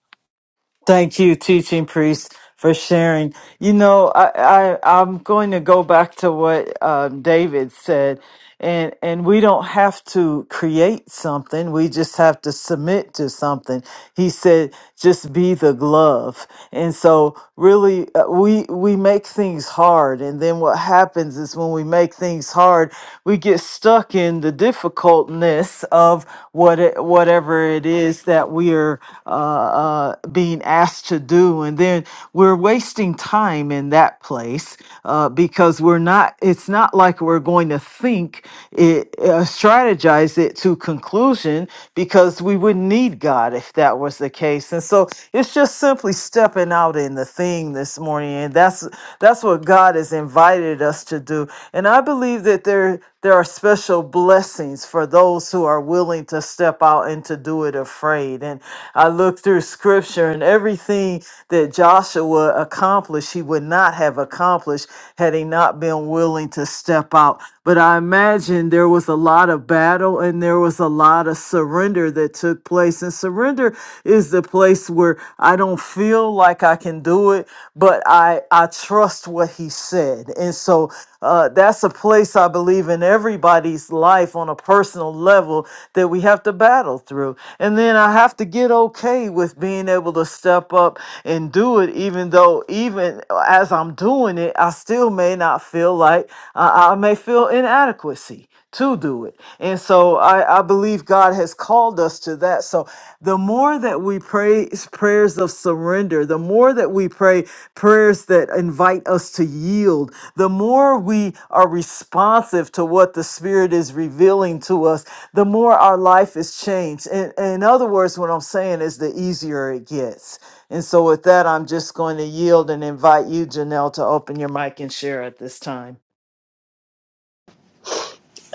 Thank you, teaching priests, for sharing. You know, I, I I'm going to go back to what um, David said, and and we don't have to create something. We just have to submit to something. He said, "Just be the glove." And so, really, uh, we we make things hard, and then what happens is when we make things hard, we get stuck in the difficultness of what it, whatever it is that we are uh, uh, being asked to do do. And then we're wasting time in that place uh, because we're not, it's not like we're going to think it, uh, strategize it to conclusion because we wouldn't need God if that was the case. And so it's just simply stepping out in the thing this morning. And that's, that's what God has invited us to do. And I believe that there, there are special blessings for those who are willing to step out and to do it afraid. And I look look through scripture and everything that Joshua accomplished, he would not have accomplished had he not been willing to step out. But I imagine there was a lot of battle and there was a lot of surrender that took place. And surrender is the place where I don't feel like I can do it, but I, I trust what he said. And so uh, that's a place I believe in everybody's life on a personal level that we have to battle through. And then I have to get okay with being able to step up and do it, even though, even as I'm doing it, I still may not feel like I I may feel inadequacy to do it. And so I, I believe God has called us to that. So the more that we pray prayers of surrender, the more that we pray prayers that invite us to yield, the more we are responsive to what the Spirit is revealing to us, the more our life is changed. and in other words, what I'm saying is the easier it gets. And so with that, I'm just going to yield and invite you, Janelle, to open your mic and share at this time.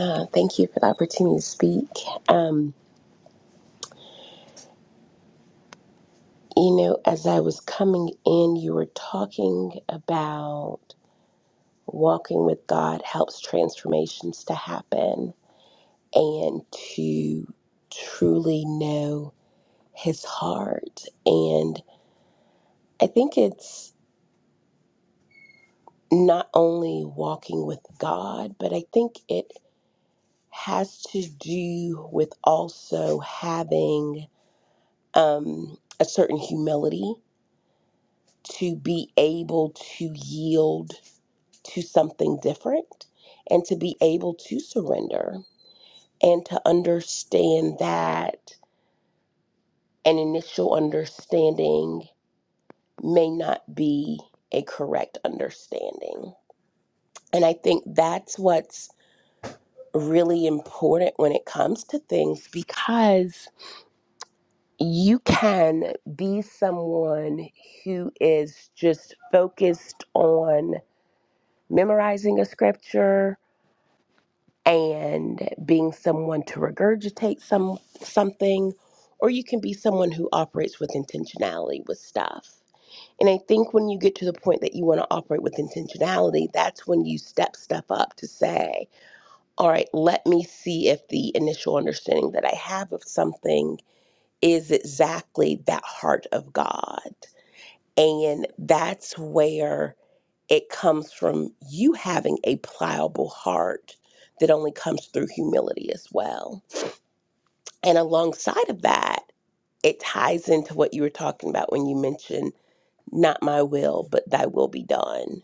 Uh, thank you for the opportunity to speak. Um, you know, as I was coming in, you were talking about walking with God helps transformations to happen and to truly know His heart. And I think it's not only walking with God, but I think it has to do with also having um, a certain humility to be able to yield to something different and to be able to surrender and to understand that an initial understanding may not be a correct understanding. And I think that's what's really important when it comes to things because you can be someone who is just focused on memorizing a scripture and being someone to regurgitate some something or you can be someone who operates with intentionality with stuff and i think when you get to the point that you want to operate with intentionality that's when you step stuff up to say all right let me see if the initial understanding that i have of something is exactly that heart of god and that's where it comes from you having a pliable heart that only comes through humility as well. And alongside of that, it ties into what you were talking about when you mentioned, not my will, but thy will be done.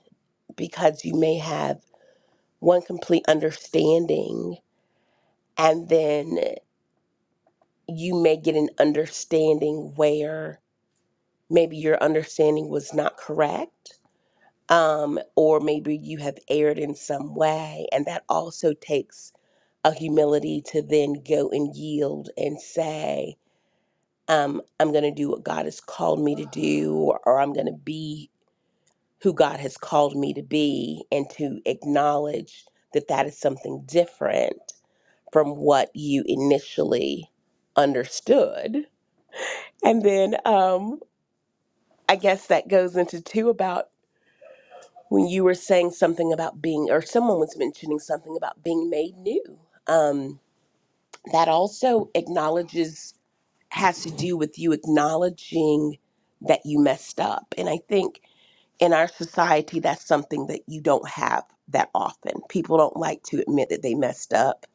Because you may have one complete understanding, and then you may get an understanding where maybe your understanding was not correct um, or maybe you have erred in some way, and that also takes a humility to then go and yield and say, um, I'm going to do what God has called me to do, or, or I'm going to be who God has called me to be, and to acknowledge that that is something different from what you initially understood. And then um, I guess that goes into two about when you were saying something about being, or someone was mentioning something about being made new. Um, that also acknowledges has to do with you acknowledging that you messed up. And I think in our society, that's something that you don't have that often. People don't like to admit that they messed up,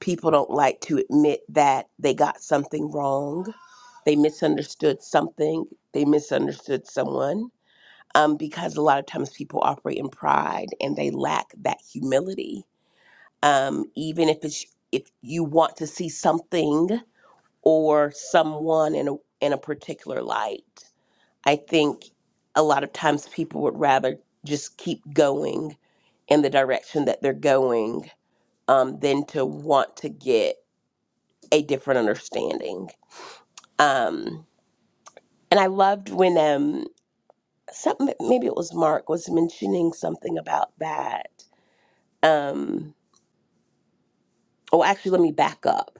people don't like to admit that they got something wrong, they misunderstood something, they misunderstood someone. Um, because a lot of times people operate in pride and they lack that humility. Um, even if it's if you want to see something or someone in a in a particular light. I think a lot of times people would rather just keep going in the direction that they're going um, than to want to get a different understanding. Um, and I loved when um, something maybe it was Mark was mentioning something about that. Um, oh, actually, let me back up.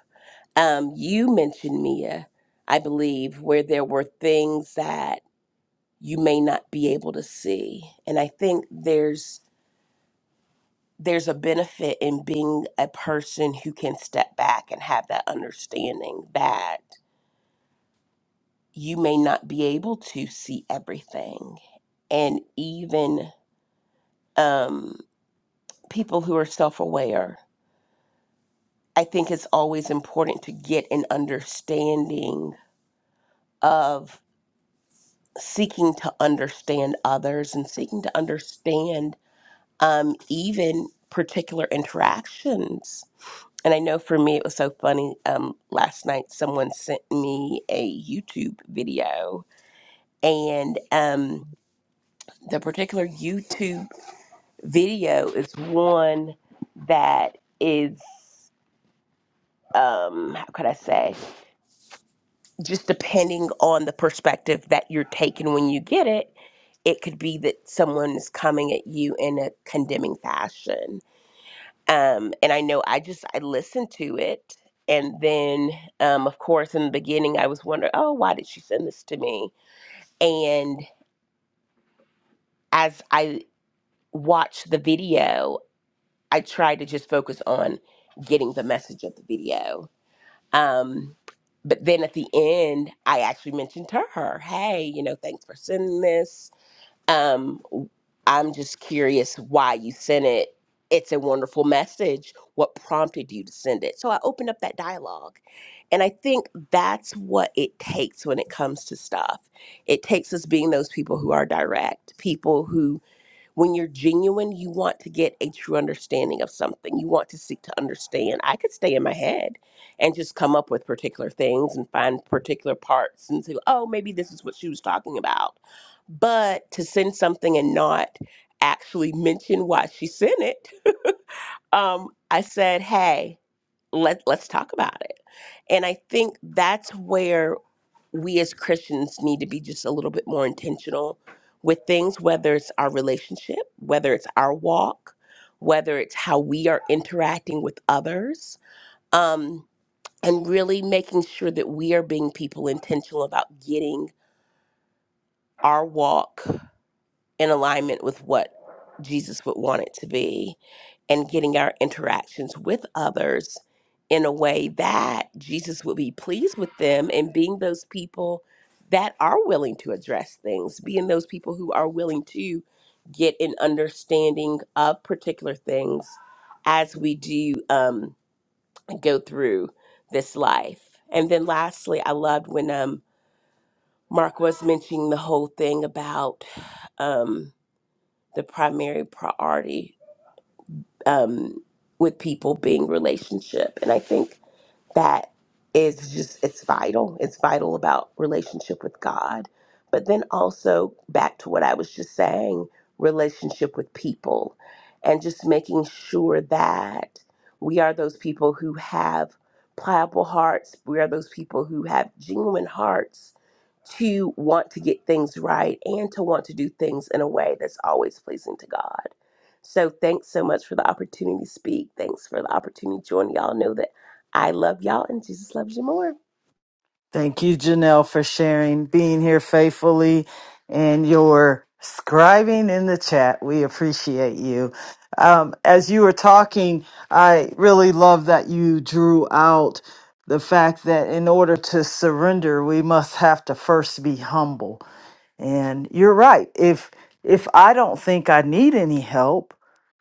Um, you mentioned Mia, I believe, where there were things that you may not be able to see and i think there's there's a benefit in being a person who can step back and have that understanding that you may not be able to see everything and even um, people who are self-aware i think it's always important to get an understanding of seeking to understand others and seeking to understand um, even particular interactions And I know for me, it was so funny. Um, last night, someone sent me a YouTube video, and um, the particular YouTube video is one that is, um, how could I say, just depending on the perspective that you're taking when you get it, it could be that someone is coming at you in a condemning fashion um, and I know I just I listened to it, and then um, of course in the beginning I was wondering, oh, why did she send this to me? And as I watched the video, I tried to just focus on getting the message of the video. Um, but then at the end, I actually mentioned to her, hey, you know, thanks for sending this Um, I'm just curious why you sent it. It's a wonderful message. What prompted you to send it? So I opened up that dialogue. And I think that's what it takes when it comes to stuff. It takes us being those people who are direct, people who when you're genuine, you want to get a true understanding of something. You want to seek to understand. I could stay in my head and just come up with particular things and find particular parts and say, oh, maybe this is what she was talking about. But to send something and not actually mention why she sent it, um, I said, hey, let, let's talk about it. And I think that's where we as Christians need to be just a little bit more intentional with things, whether it's our relationship, whether it's our walk, whether it's how we are interacting with others, um, and really making sure that we are being people intentional about getting our walk in alignment with what Jesus would want it to be and getting our interactions with others in a way that Jesus would be pleased with them and being those people that are willing to address things, being those people who are willing to get an understanding of particular things as we do um, go through this life. And then lastly, I loved when um, Mark was mentioning the whole thing about. Um, the primary priority um, with people being relationship. And I think that is just it's vital it's vital about relationship with god but then also back to what i was just saying relationship with people and just making sure that we are those people who have pliable hearts we are those people who have genuine hearts to want to get things right and to want to do things in a way that's always pleasing to god so thanks so much for the opportunity to speak thanks for the opportunity to join y'all know that I love y'all and Jesus loves you more. Thank you, Janelle, for sharing, being here faithfully, and your scribing in the chat. We appreciate you. Um, as you were talking, I really love that you drew out the fact that in order to surrender, we must have to first be humble. And you're right. If if I don't think I need any help,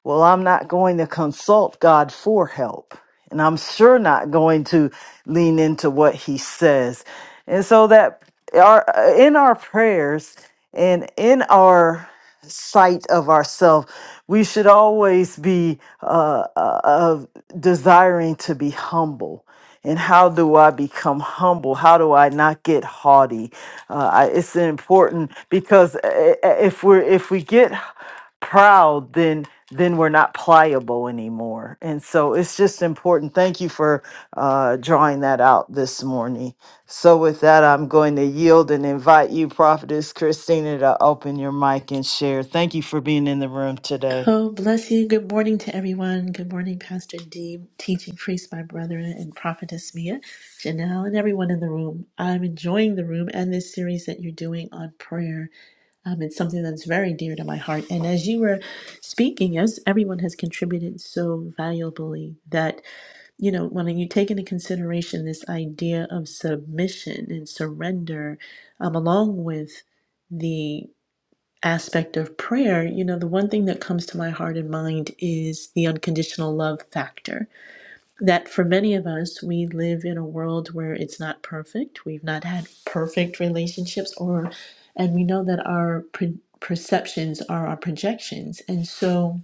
well, I'm not going to consult God for help. And I'm sure not going to lean into what he says. And so that our in our prayers and in our sight of ourselves, we should always be uh, uh, uh, desiring to be humble. And how do I become humble? How do I not get haughty? Uh, I, it's important because uh, uh, if we're if we get proud, then then we're not pliable anymore. And so it's just important. Thank you for uh, drawing that out this morning. So, with that, I'm going to yield and invite you, Prophetess Christina, to open your mic and share. Thank you for being in the room today. Oh, bless you. Good morning to everyone. Good morning, Pastor D, teaching priest, my brother, and prophetess Mia, Janelle, and everyone in the room. I'm enjoying the room and this series that you're doing on prayer. Um, it's something that's very dear to my heart. And as you were speaking, as everyone has contributed so valuably, that, you know, when you take into consideration this idea of submission and surrender, um, along with the aspect of prayer, you know, the one thing that comes to my heart and mind is the unconditional love factor. That for many of us, we live in a world where it's not perfect. We've not had perfect relationships, or, and we know that our pre- perceptions are our projections. And so,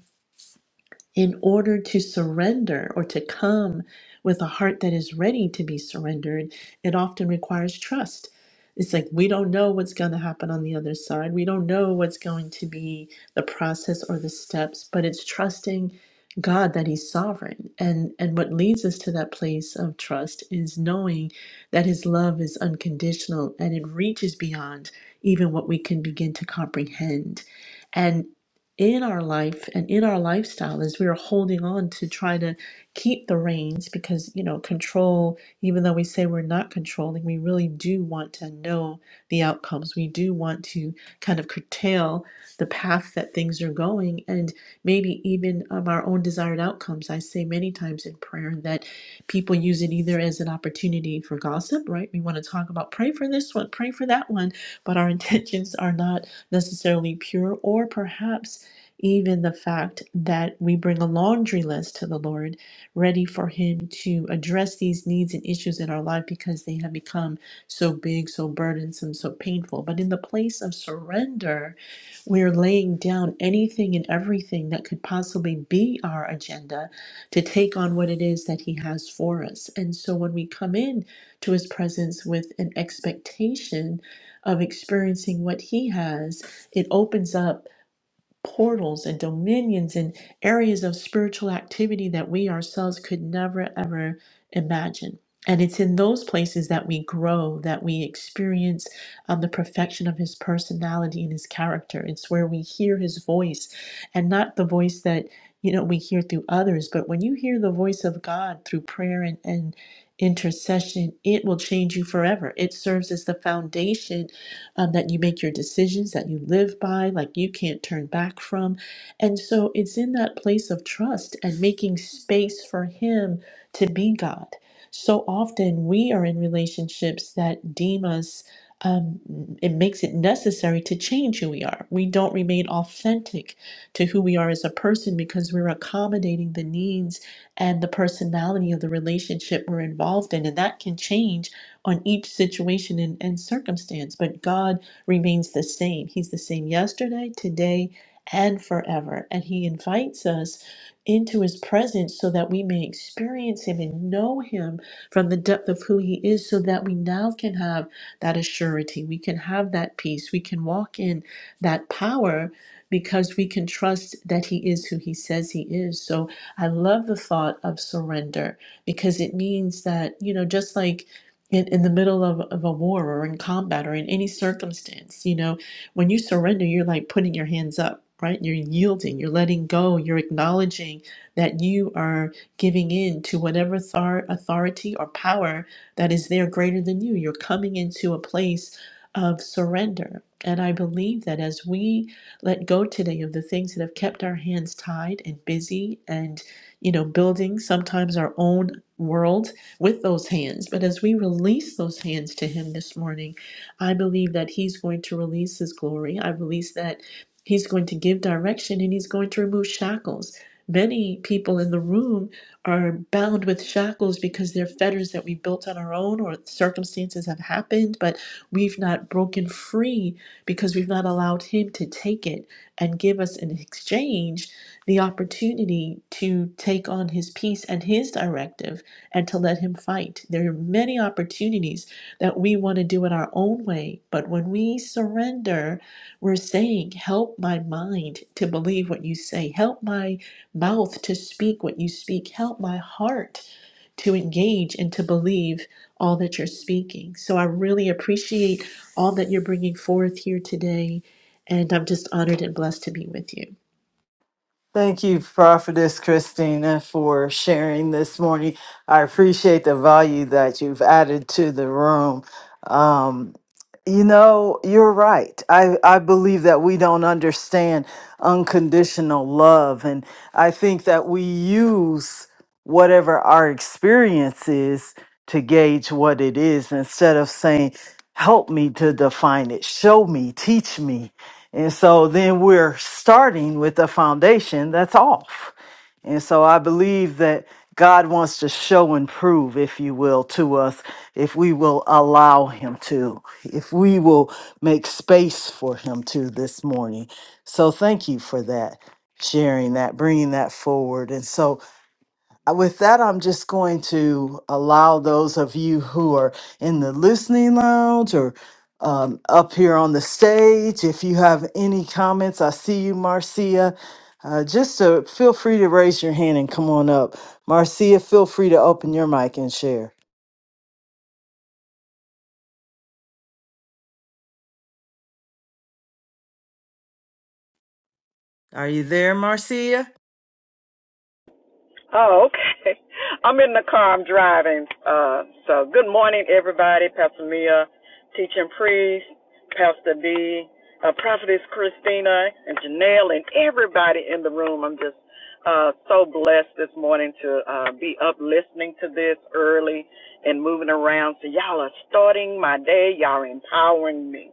in order to surrender or to come with a heart that is ready to be surrendered, it often requires trust. It's like we don't know what's going to happen on the other side. We don't know what's going to be the process or the steps, but it's trusting God that he's sovereign. And and what leads us to that place of trust is knowing that his love is unconditional and it reaches beyond even what we can begin to comprehend in our life and in our lifestyle is we are holding on to try to keep the reins because you know control even though we say we're not controlling we really do want to know the outcomes we do want to kind of curtail the path that things are going and maybe even um, our own desired outcomes i say many times in prayer that people use it either as an opportunity for gossip right we want to talk about pray for this one pray for that one but our intentions are not necessarily pure or perhaps even the fact that we bring a laundry list to the Lord, ready for Him to address these needs and issues in our life because they have become so big, so burdensome, so painful. But in the place of surrender, we're laying down anything and everything that could possibly be our agenda to take on what it is that He has for us. And so when we come in to His presence with an expectation of experiencing what He has, it opens up portals and dominions and areas of spiritual activity that we ourselves could never ever imagine. And it's in those places that we grow, that we experience um, the perfection of his personality and his character. It's where we hear his voice and not the voice that, you know, we hear through others. But when you hear the voice of God through prayer and, and intercession, it will change you forever. It serves as the foundation um, that you make your decisions that you live by, like you can't turn back from. And so it's in that place of trust and making space for Him to be God. So often we are in relationships that deem us, um, it makes it necessary to change who we are. We don't remain authentic to who we are as a person because we're accommodating the needs and the personality of the relationship we're involved in. And that can change on each situation and, and circumstance, but God remains the same. He's the same yesterday, today, and forever. And He invites us into His presence so that we may experience Him and know Him from the depth of who He is, so that we now can have that assurity. We can have that peace. We can walk in that power because we can trust that He is who He says He is. So I love the thought of surrender because it means that, you know, just like in, in the middle of, of a war or in combat or in any circumstance you know when you surrender you're like putting your hands up right you're yielding you're letting go you're acknowledging that you are giving in to whatever author- authority or power that is there greater than you you're coming into a place of surrender and i believe that as we let go today of the things that have kept our hands tied and busy and you know building sometimes our own world with those hands. But as we release those hands to Him this morning, I believe that He's going to release His glory. I believe that He's going to give direction and He's going to remove shackles. Many people in the room are bound with shackles because they're fetters that we built on our own or circumstances have happened, but we've not broken free because we've not allowed Him to take it and give us in exchange the opportunity to take on His peace and His directive and to let Him fight. There are many opportunities that we want to do it our own way, but when we surrender, we're saying, Help my mind to believe what you say, help my mouth to speak what you speak, help my heart to engage and to believe all that you're speaking. So I really appreciate all that you're bringing forth here today. And I'm just honored and blessed to be with you. Thank you, Prophetess Christina, for sharing this morning. I appreciate the value that you've added to the room. Um, You know, you're right. I, I believe that we don't understand unconditional love. And I think that we use whatever our experience is to gauge what it is instead of saying, help me to define it, show me, teach me. And so then we're starting with a foundation that's off. And so I believe that God wants to show and prove, if you will, to us if we will allow him to, if we will make space for him to this morning. So thank you for that, sharing that, bringing that forward. And so uh, with that, I'm just going to allow those of you who are in the listening lounge or um, up here on the stage, if you have any comments, I see you, Marcia. Uh, just uh feel free to raise your hand and come on up. Marcia, feel free to open your mic and share. Are you there, Marcia? Oh, okay. I'm in the car. I'm driving. Uh, so good morning, everybody. Pastor Mia, teaching priest, Pastor B, uh, Prophetess Christina, and Janelle, and everybody in the room. I'm just uh, so blessed this morning to uh, be up listening to this early and moving around. So y'all are starting my day. Y'all are empowering me.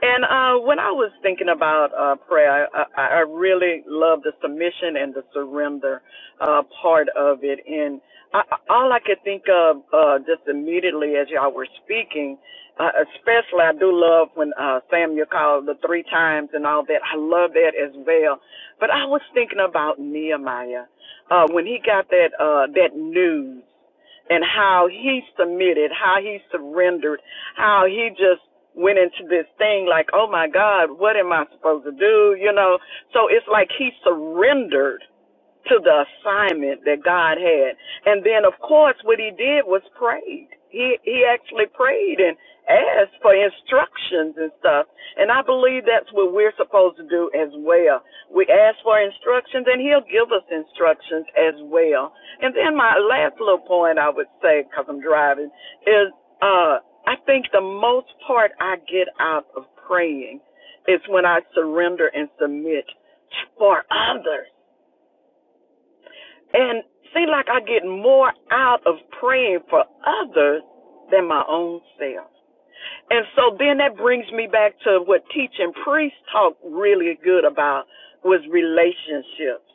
And uh, when I was thinking about uh, prayer, I, I, I really love the submission and the surrender uh, part of it. And I, all I could think of uh, just immediately as y'all were speaking, uh, especially I do love when uh, Samuel called the three times and all that. I love that as well. But I was thinking about Nehemiah uh, when he got that uh, that news and how he submitted, how he surrendered, how he just went into this thing like, oh my God, what am I supposed to do? You know, so it's like he surrendered to the assignment that God had. And then, of course, what he did was prayed. He he actually prayed and asked for instructions and stuff. And I believe that's what we're supposed to do as well. We ask for instructions, and he'll give us instructions as well. And then my last little point I would say, because I'm driving, is uh, I think the most part I get out of praying is when I surrender and submit for others. And seem like I get more out of praying for others than my own self. And so then that brings me back to what teaching priest talked really good about was relationships.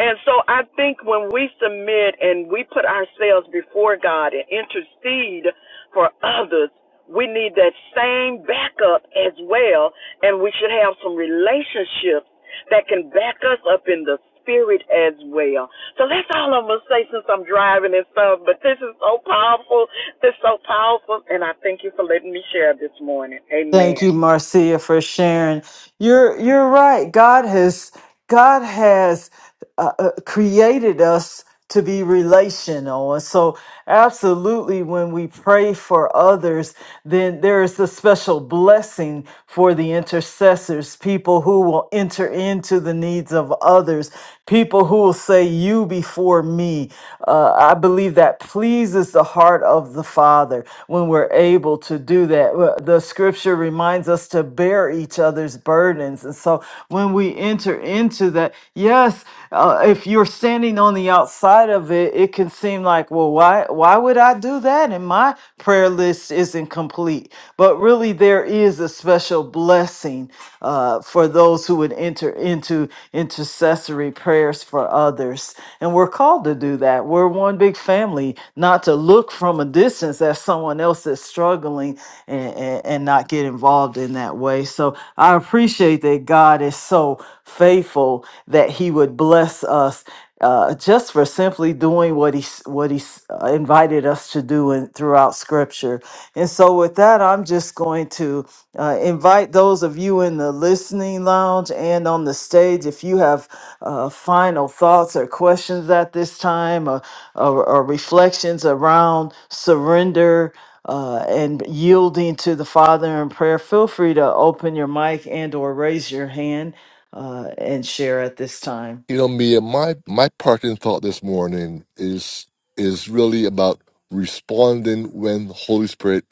And so I think when we submit and we put ourselves before God and intercede for others, we need that same backup as well. And we should have some relationships that can back us up in the spirit as well. So that's all I'm going to say since I'm driving and stuff, but this is so powerful. This is so powerful, and I thank you for letting me share this morning. Thank Amen. you, Marcia, for sharing. You're you're right. God has God has uh, uh, created us to be relational, and so absolutely, when we pray for others, then there is a special blessing for the intercessors, people who will enter into the needs of others people who will say, You before me. Uh, I believe that pleases the heart of the Father when we're able to do that. Well, The scripture reminds us to bear each other's burdens. And so when we enter into that, yes, uh, if you're standing on the outside of it, it can seem like, Well, why, why would I do that? And my prayer list isn't complete. But really, there is a special blessing uh, for those who would enter into intercessory intercessory prayers for others. And we're called to do that. We're one big family, not to look from a distance at someone else that's struggling and, and, and not get involved in that way. So I appreciate that God is so faithful that He would bless us. Uh, just for simply doing what he s- what he s- uh, invited us to do in, throughout Scripture, and so with that, I'm just going to uh, invite those of you in the listening lounge and on the stage if you have uh, final thoughts or questions at this time, or, or, or reflections around surrender uh, and yielding to the Father in prayer, feel free to open your mic and or raise your hand uh, and share at this time. You know, Mia, my my parting thought this morning is is really about responding when the Holy Spirit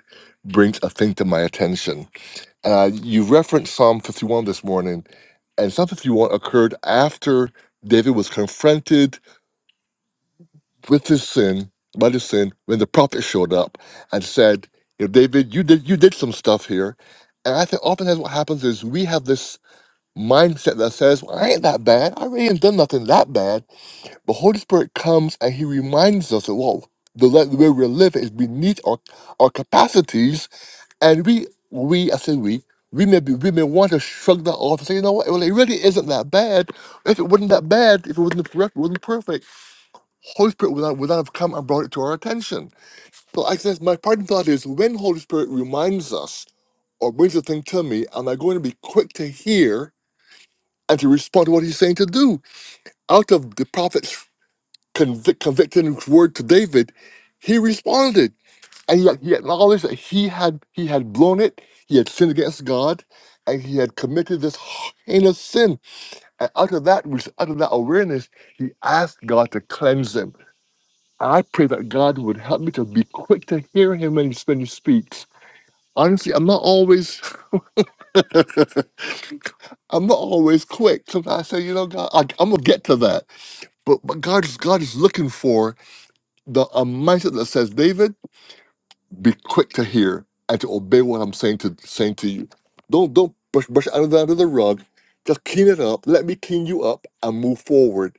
brings a thing to my attention Uh, you referenced Psalm 51 this morning, and Psalm 51 occurred after David was confronted with his sin, by his sin, when the prophet showed up and said, "You know, David, you did you did some stuff here." And I think oftentimes what happens is we have this mindset that says, well, "I ain't that bad. I really ain't done nothing that bad." But Holy Spirit comes and He reminds us that, "Whoa, the, le- the way we're living is beneath our our capacities." And we, we, I say we, we may be, we may want to shrug that off and say, you know what, well, it really isn't that bad. If it wasn't that bad, if it wasn't correct, it wasn't perfect, Holy Spirit would not, would not have come and brought it to our attention. So I guess my parting thought is when Holy Spirit reminds us or brings a thing to me, am I going to be quick to hear and to respond to what he's saying to do? Out of the prophet's convic- convicting word to David, he responded and he he acknowledged that he had he had blown it he had sinned against god and he had committed this heinous sin and out of that res- out of that awareness he asked god to cleanse him and i pray that god would help me to be quick to hear him when he, when he speaks honestly i'm not always i'm not always quick sometimes i say you know god I, i'm gonna get to that but, but god is god is looking for the a mindset that says david be quick to hear and to obey what I'm saying to saying to you. Don't don't brush brush it under, the, under the rug. Just clean it up. Let me clean you up and move forward.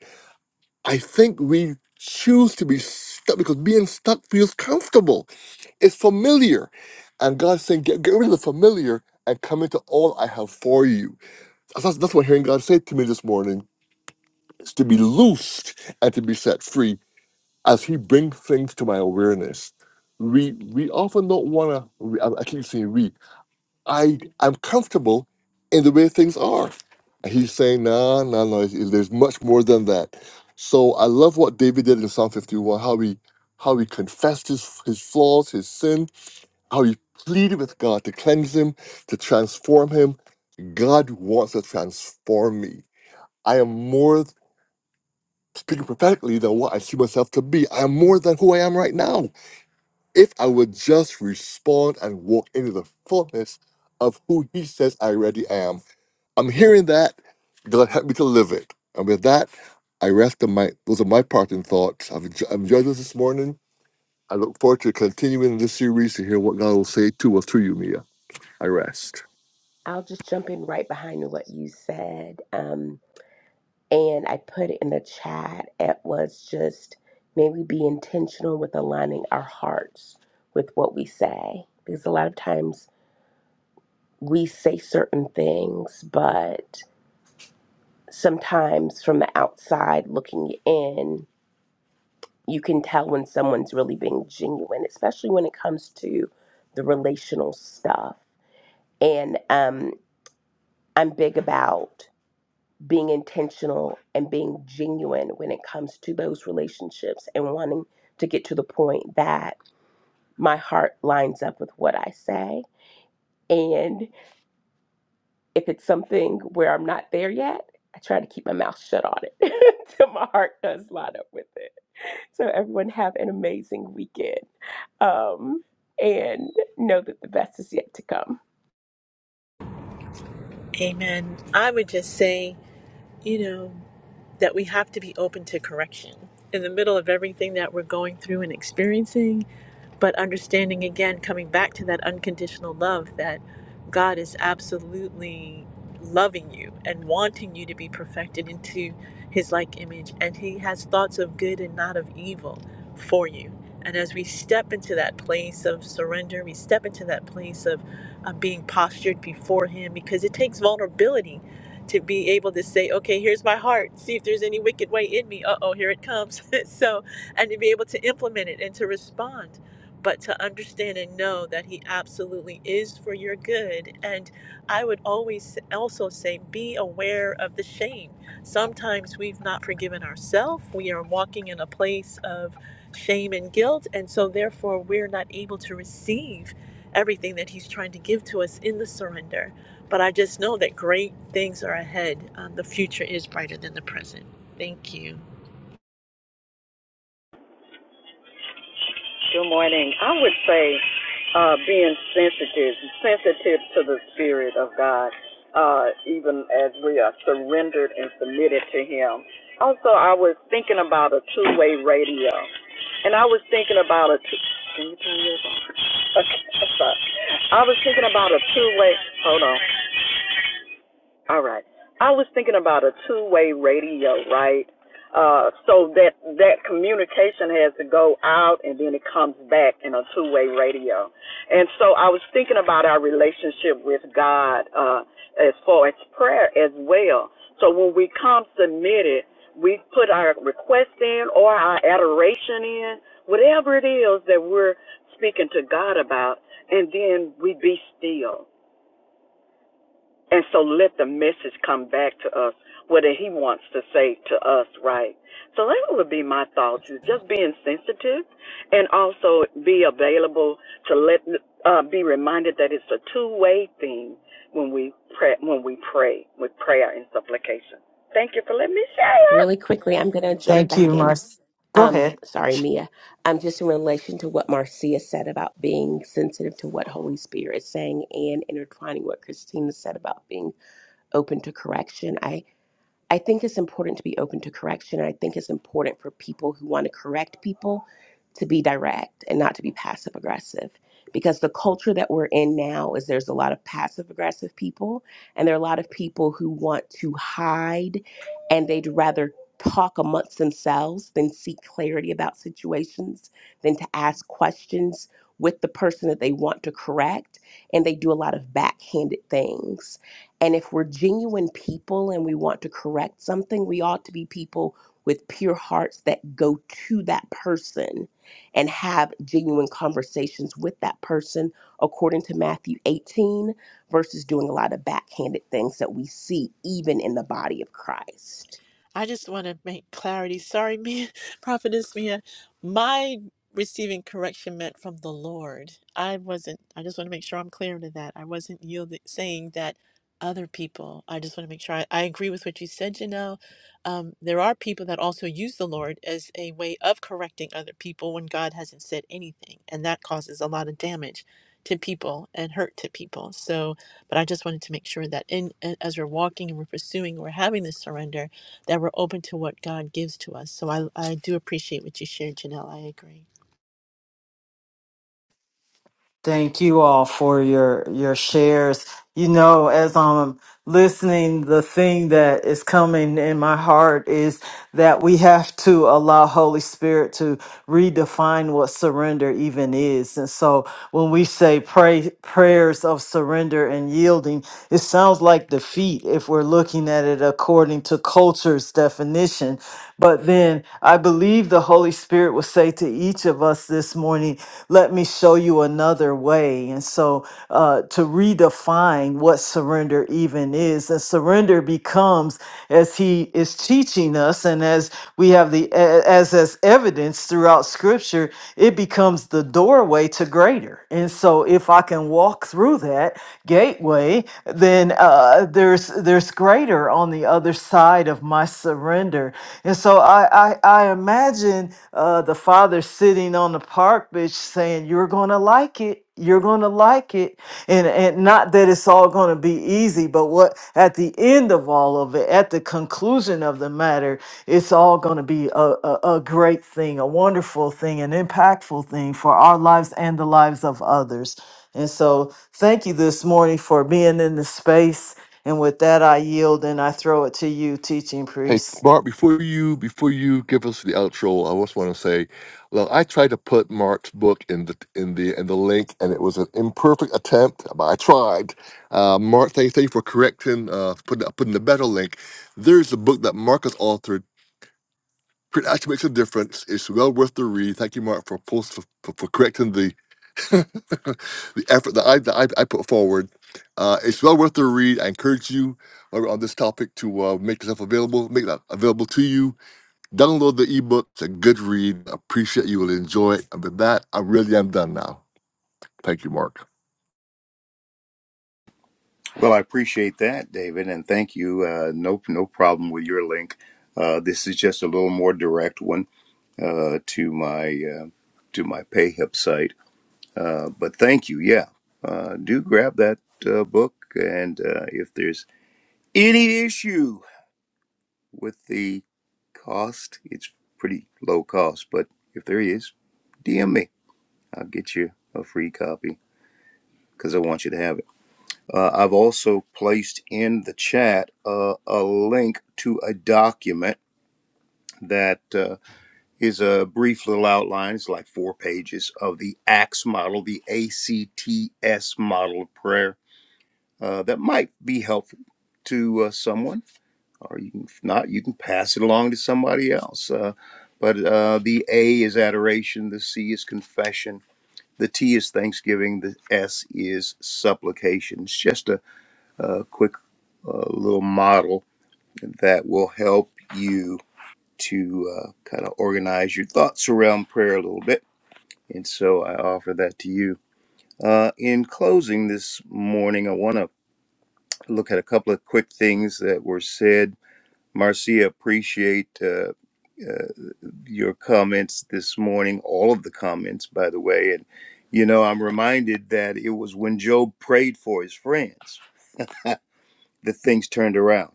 I think we choose to be stuck because being stuck feels comfortable. It's familiar, and God's saying, get, get rid of the familiar and come into all I have for you. That's, that's what hearing God say to me this morning is to be loosed and to be set free as He brings things to my awareness we we often don't want to. I I keep saying we. I I'm comfortable in the way things are. And he's saying, no, no, no. it's- There's much more than that. So I love what David did in Psalm 51. How he how he confessed his his flaws, his sin. How he pleaded with God to cleanse him, to transform him. God wants to transform me. I am more speaking prophetically than what I see myself to be. I am more than who I am right now. If I would just respond and walk into the fullness of who He says I already am I'm hearing that. God help me to live it. And with that, I rest on my. Those are my parting thoughts. I've, enj- I've enjoyed this this morning. I look forward to continuing this series to hear what God will say to us through you, Mia. I rest. I'll just jump in right behind what you said. Um, and I put it in the chat. It was just maybe be intentional with aligning our hearts with what we say. Because a lot of times we say certain things, but sometimes from the outside looking in, you can tell when someone's really being genuine, especially when it comes to the relational stuff. And um, I'm big about being intentional and being genuine when it comes to those relationships and wanting to get to the point that my heart lines up with what I say. And if it's something where I'm not there yet, I try to keep my mouth shut on it till my heart does line up with it. So, everyone, have an amazing weekend um, and know that the best is yet to come. Amen. I would just say, you know. that we have to be open to correction in the middle of everything that we're going through and experiencing, but understanding again, coming back to that unconditional love that God is absolutely loving you and wanting you to be perfected into his like image. And he has thoughts of good and not of evil for you. And as we step into that place of surrender, we step into that place of uh, being postured before him because it takes vulnerability to be able to say, okay, here's my heart. See if there's any wicked way in me. Uh oh, here it comes. so, and to be able to implement it and to respond, but to understand and know that He absolutely is for your good. And I would always also say, be aware of the shame. Sometimes we've not forgiven ourselves, we are walking in a place of shame and guilt. And so, therefore, we're not able to receive everything that He's trying to give to us in the surrender. But I just know that great things are ahead. Um, the future is brighter than the present. Thank you. Good morning. I would say uh, being sensitive, sensitive to the Spirit of God, uh, even as we are surrendered and submitted to Him. Also, I was thinking about a two way radio, and I was thinking about a two. Can you turn yours on? Okay, I'm sorry. I was thinking about a two way. Hold on. All right. I was thinking about a two-way radio, right? Uh, so that that communication has to go out and then it comes back in a two-way radio. And so I was thinking about our relationship with God uh, as far as prayer as well. So when we come submitted, we put our request in or our adoration in, whatever it is that we're speaking to God about, and then we be still and so let the message come back to us, whether he wants to say to us, right? So that would be my thoughts is just being sensitive and also be available to let, uh, be reminded that it's a two-way thing when we pray, when we pray with prayer and supplication. Thank you for letting me share. Really quickly, I'm going to jump Thank back you, in Mark. Go Um, ahead. sorry, Mia. Um, just in relation to what Marcia said about being sensitive to what Holy Spirit is saying and intertwining what Christina said about being open to correction. I think it's important to be open to correction. And I think it's important for people who want to correct people to be direct and not to be passive aggressive. Because the culture that we're in now is there's a lot of passive aggressive people, and there are a lot of people who want to hide and they'd rather talk amongst themselves than seek clarity about situations, than to ask questions with the person that they want to correct. And they do a lot of backhanded things and if we're genuine people and we want to correct something, we ought to be people with pure hearts that go to that person and have genuine conversations with that person, according to Matthew 18, versus doing a lot of backhanded things that we see even in the body of Christ. I just want to make clarity. Sorry, Mia, Prophetess Mia. My receiving correction meant from the Lord. I wasn't, I just want to make sure I'm clear to that. I wasn't yielding, saying that other people, I just want to make sure I, I agree with what you said, Janelle. Um, there are people that also use the Lord as a way of correcting other people when God hasn't said anything. And that causes a lot of damage to people and hurt to people. So, but I just wanted to make sure that in, as we're walking and we're pursuing, we're having this surrender that we're open to what God gives to us. So I, I do appreciate what you shared, Janelle. I agree. Thank you all for your your shares. You know, as I'm listening, the thing that is coming in my heart is that we have to allow Holy Spirit to redefine what surrender even is. And so when we say pray prayers of surrender and yielding, it sounds like defeat if we're looking at it according to culture's definition. But then I believe the Holy Spirit will say to each of us this morning, let me show you another way. And so uh, to redefine what surrender even is. And surrender becomes, as he is teaching us, and as we have the, a- as as evidence throughout scripture, it becomes the doorway to greater. And so if I can walk through that gateway, then uh, there's there's greater on the other side of my surrender. And so I I, I imagine uh, the father sitting on the park bench saying, "You're gonna like it." You're gonna like it, and and not that it's all gonna be easy, but what at the end of all of it, at the conclusion of the matter, it's all going to be a, a, a great thing, a wonderful thing, an impactful thing for our lives and the lives of others. And so, thank you this morning for being in the space. And with that, I yield and I throw it to you, teaching Hey, priest. Mark, before you before you give us the outro, I just want to say, look, I tried to put Mark's book in the in the in the link, and it was an imperfect attempt, but I tried. Uh, Mark, thank, thank you for correcting, uh, putting putting the better link. There's a book that Marcus authored It actually makes a difference. It's well worth the read. Thank you, Mark, for post for, for, for correcting the the effort that I that I, I put forward. Uh, it's well worth the read. I encourage you while we're on this topic to uh, make yourself available, make that available to you. Download the ebook. It's a good read. I appreciate you will enjoy it. And with that, I really am done now. Thank you, Mark. Well, I appreciate that, David, and thank you. Uh, no, no problem with your link. Uh, this is just a little more direct one uh, to my uh, to my PayHip site. Uh, but thank you. Yeah, uh, do grab that uh, book, and uh, if there's any issue with the cost, it's pretty low cost. But if there is, DM me. I'll get you a free copy. because I want you to have it. Uh, I've also placed in the chat uh, a link to a document that uh, is a brief little outline. It's like four pages of the ACTS model, the ACTS model of prayer. Uh, that might be helpful to uh, someone, or you can, if not, you can pass it along to somebody else. Uh, but uh, the A is adoration, the C is confession, the T is thanksgiving, the S is supplication. It's just a a quick uh, little model that will help you to uh, kind of organize your thoughts around prayer a little bit. And so I offer that to you. Uh, in closing this morning, I want to look at a couple of quick things that were said. Marcia, appreciate uh, uh, your comments this morning, all of the comments, by the way. And, you know, I'm reminded that it was when Job prayed for his friends that things turned around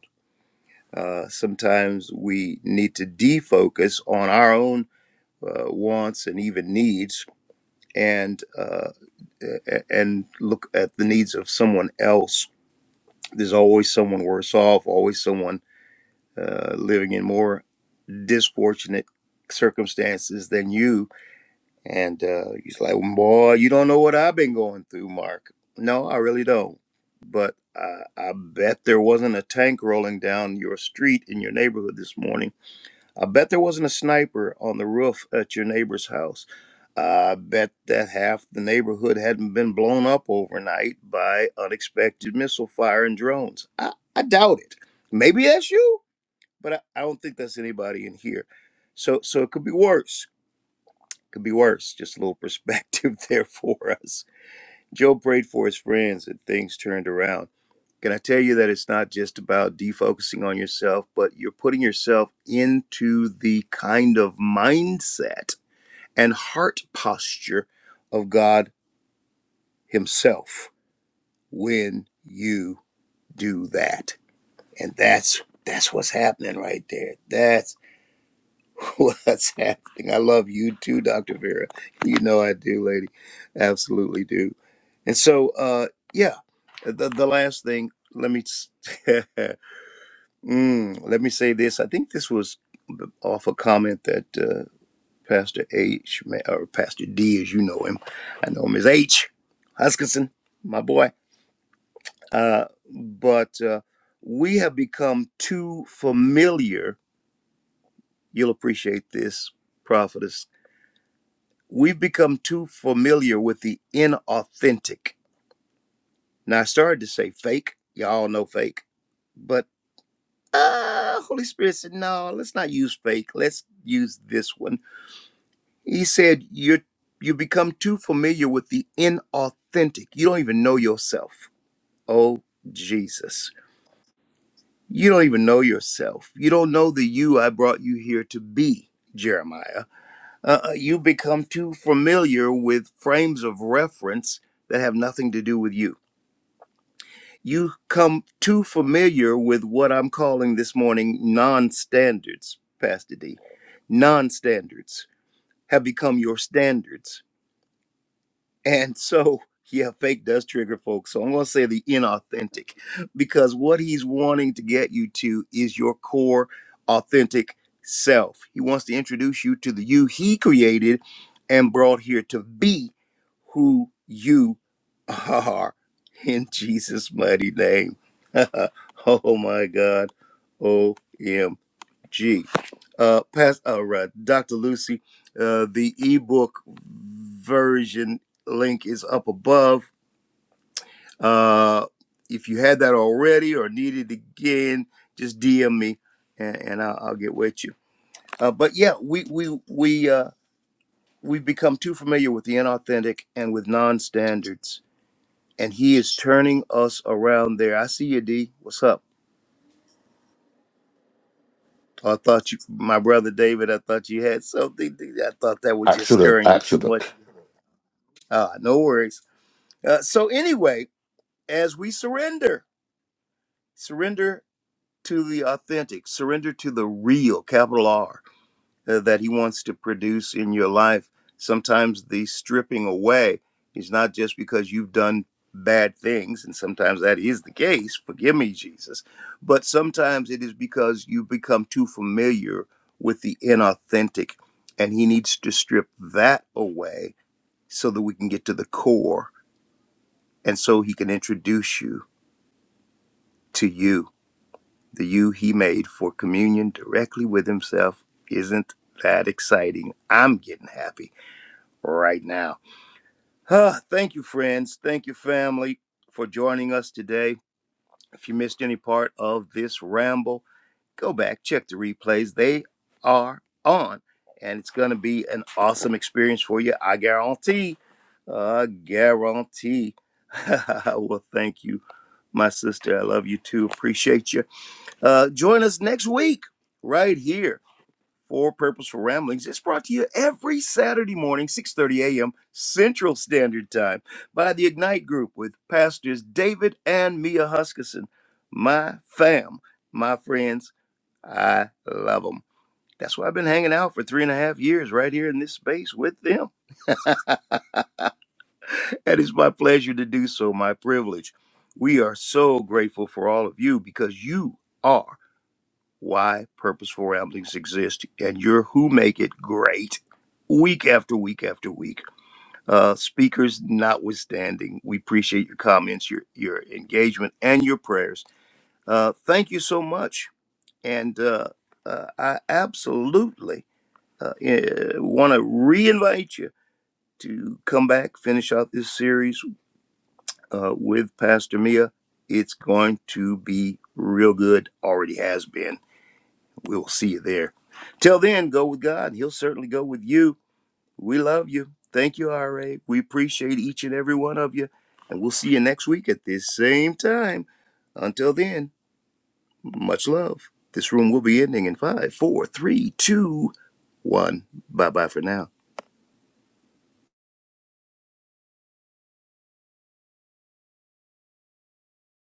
Uh, sometimes we need to defocus on our own uh, wants and even needs, and uh, and look at the needs of someone else. There's always someone worse off, always someone uh, living in more disfortunate circumstances than you. And uh, he's like, "Boy, you don't know what I've been going through, Mark. No, I really don't. But I, I bet there wasn't a tank rolling down your street in your neighborhood this morning." I bet there wasn't a sniper on the roof at your neighbor's house. I bet that half the neighborhood hadn't been blown up overnight by unexpected missile fire and drones. I, I doubt it. Maybe that's you, but I, I don't think that's anybody in here. So so it could be worse. Could be worse. Just a little perspective there for us. Joe prayed for his friends and things turned around. Can I tell you that it's not just about defocusing on yourself, but you're putting yourself into the kind of mindset and heart posture of God Himself when you do that. And that's that's what's happening right there. That's What's happening? I love you too, Dr. Vera. You know I do, lady. Absolutely do. And so, uh, yeah, the, the last thing, let me, s- mm, let me say this. I think this was off a comment that uh, Pastor H, ma- or Pastor D, as you know him, I know him as H. Huskinson, my boy. Uh, but uh, we have become too familiar. You'll appreciate this, prophetess We've become too familiar with the inauthentic. Now, I started to say fake. Y'all know fake. But uh, Holy Spirit said, no, let's not use fake. Let's use this one. He said, you you become too familiar with the inauthentic. You don't even know yourself. Oh, Jesus. You don't even know yourself. You don't know the you I brought you here to be, Jeremiah. uh, uh, you become too familiar with frames of reference that have nothing to do with you. You come too familiar with what I'm calling this morning non standards, Pastor D. Non standards have become your standards and so, yeah, fake does trigger folks. So I'm going to say the inauthentic because what he's wanting to get you to is your core authentic self. He wants to introduce you to the you he created and brought here to be who you are in Jesus' mighty name. oh my God. OMG. G. Uh, past, uh, right, Dr. Lucy, uh, the ebook version link is up above. Uh, if you had that already or need it again, just DM me and, and I'll, I'll get with you. Uh, but yeah, we we we uh, we've become too familiar with the inauthentic and with non-standards, and he is turning us around there. I see you, D. What's up? I thought you, my brother David, I thought you had something. I thought that was just Accident, stirring you too much accident. Uh, no worries. Uh, so anyway, as we surrender, surrender to the authentic, surrender to the real, capital R, uh, that He wants to produce in your life. Sometimes the stripping away is not just because you've done bad things, and sometimes that is the case. Forgive me, Jesus. But sometimes it is because you become too familiar with the inauthentic, and He needs to strip that away so that we can get to the core And so he can introduce you to you, the you he made for communion directly with himself. Isn't that exciting? I'm getting happy right now. Ah, thank you, friends. Thank you, family, for joining us today. If you missed any part of this ramble, go back, check the replays. They are on, and it's going to be an awesome experience for you. I guarantee. I guarantee. well, thank you, my sister. I love you too. Appreciate you. Uh, join us next week right here for Purposeful Ramblings. It's brought to you every Saturday morning, 6.30 a.m. Central Standard Time by the Ignite Group with pastors David and Mia Huskisson, my fam, my friends I love them. That's why I've been hanging out for three and a half years right here in this space with them. And it's my pleasure to do so, my privilege. We are so grateful for all of you because you are why Purposeful Ramblings exist, and you're who make it great week after week after week. Uh, speakers notwithstanding, we appreciate your comments, your, your engagement, and your prayers. Uh, thank you so much. And uh, uh, I absolutely uh, want to re-invite you to come back, finish out this series uh, with Pastor Mia. It's going to be real good. Already has been. We'll see you there. Till then, go with God. He'll certainly go with you. We love you. Thank you, RA. We appreciate each and every one of you. And we'll see you next week at this same time. Until then, much love. This room will be ending in five, four, three, two, one. Bye bye for now.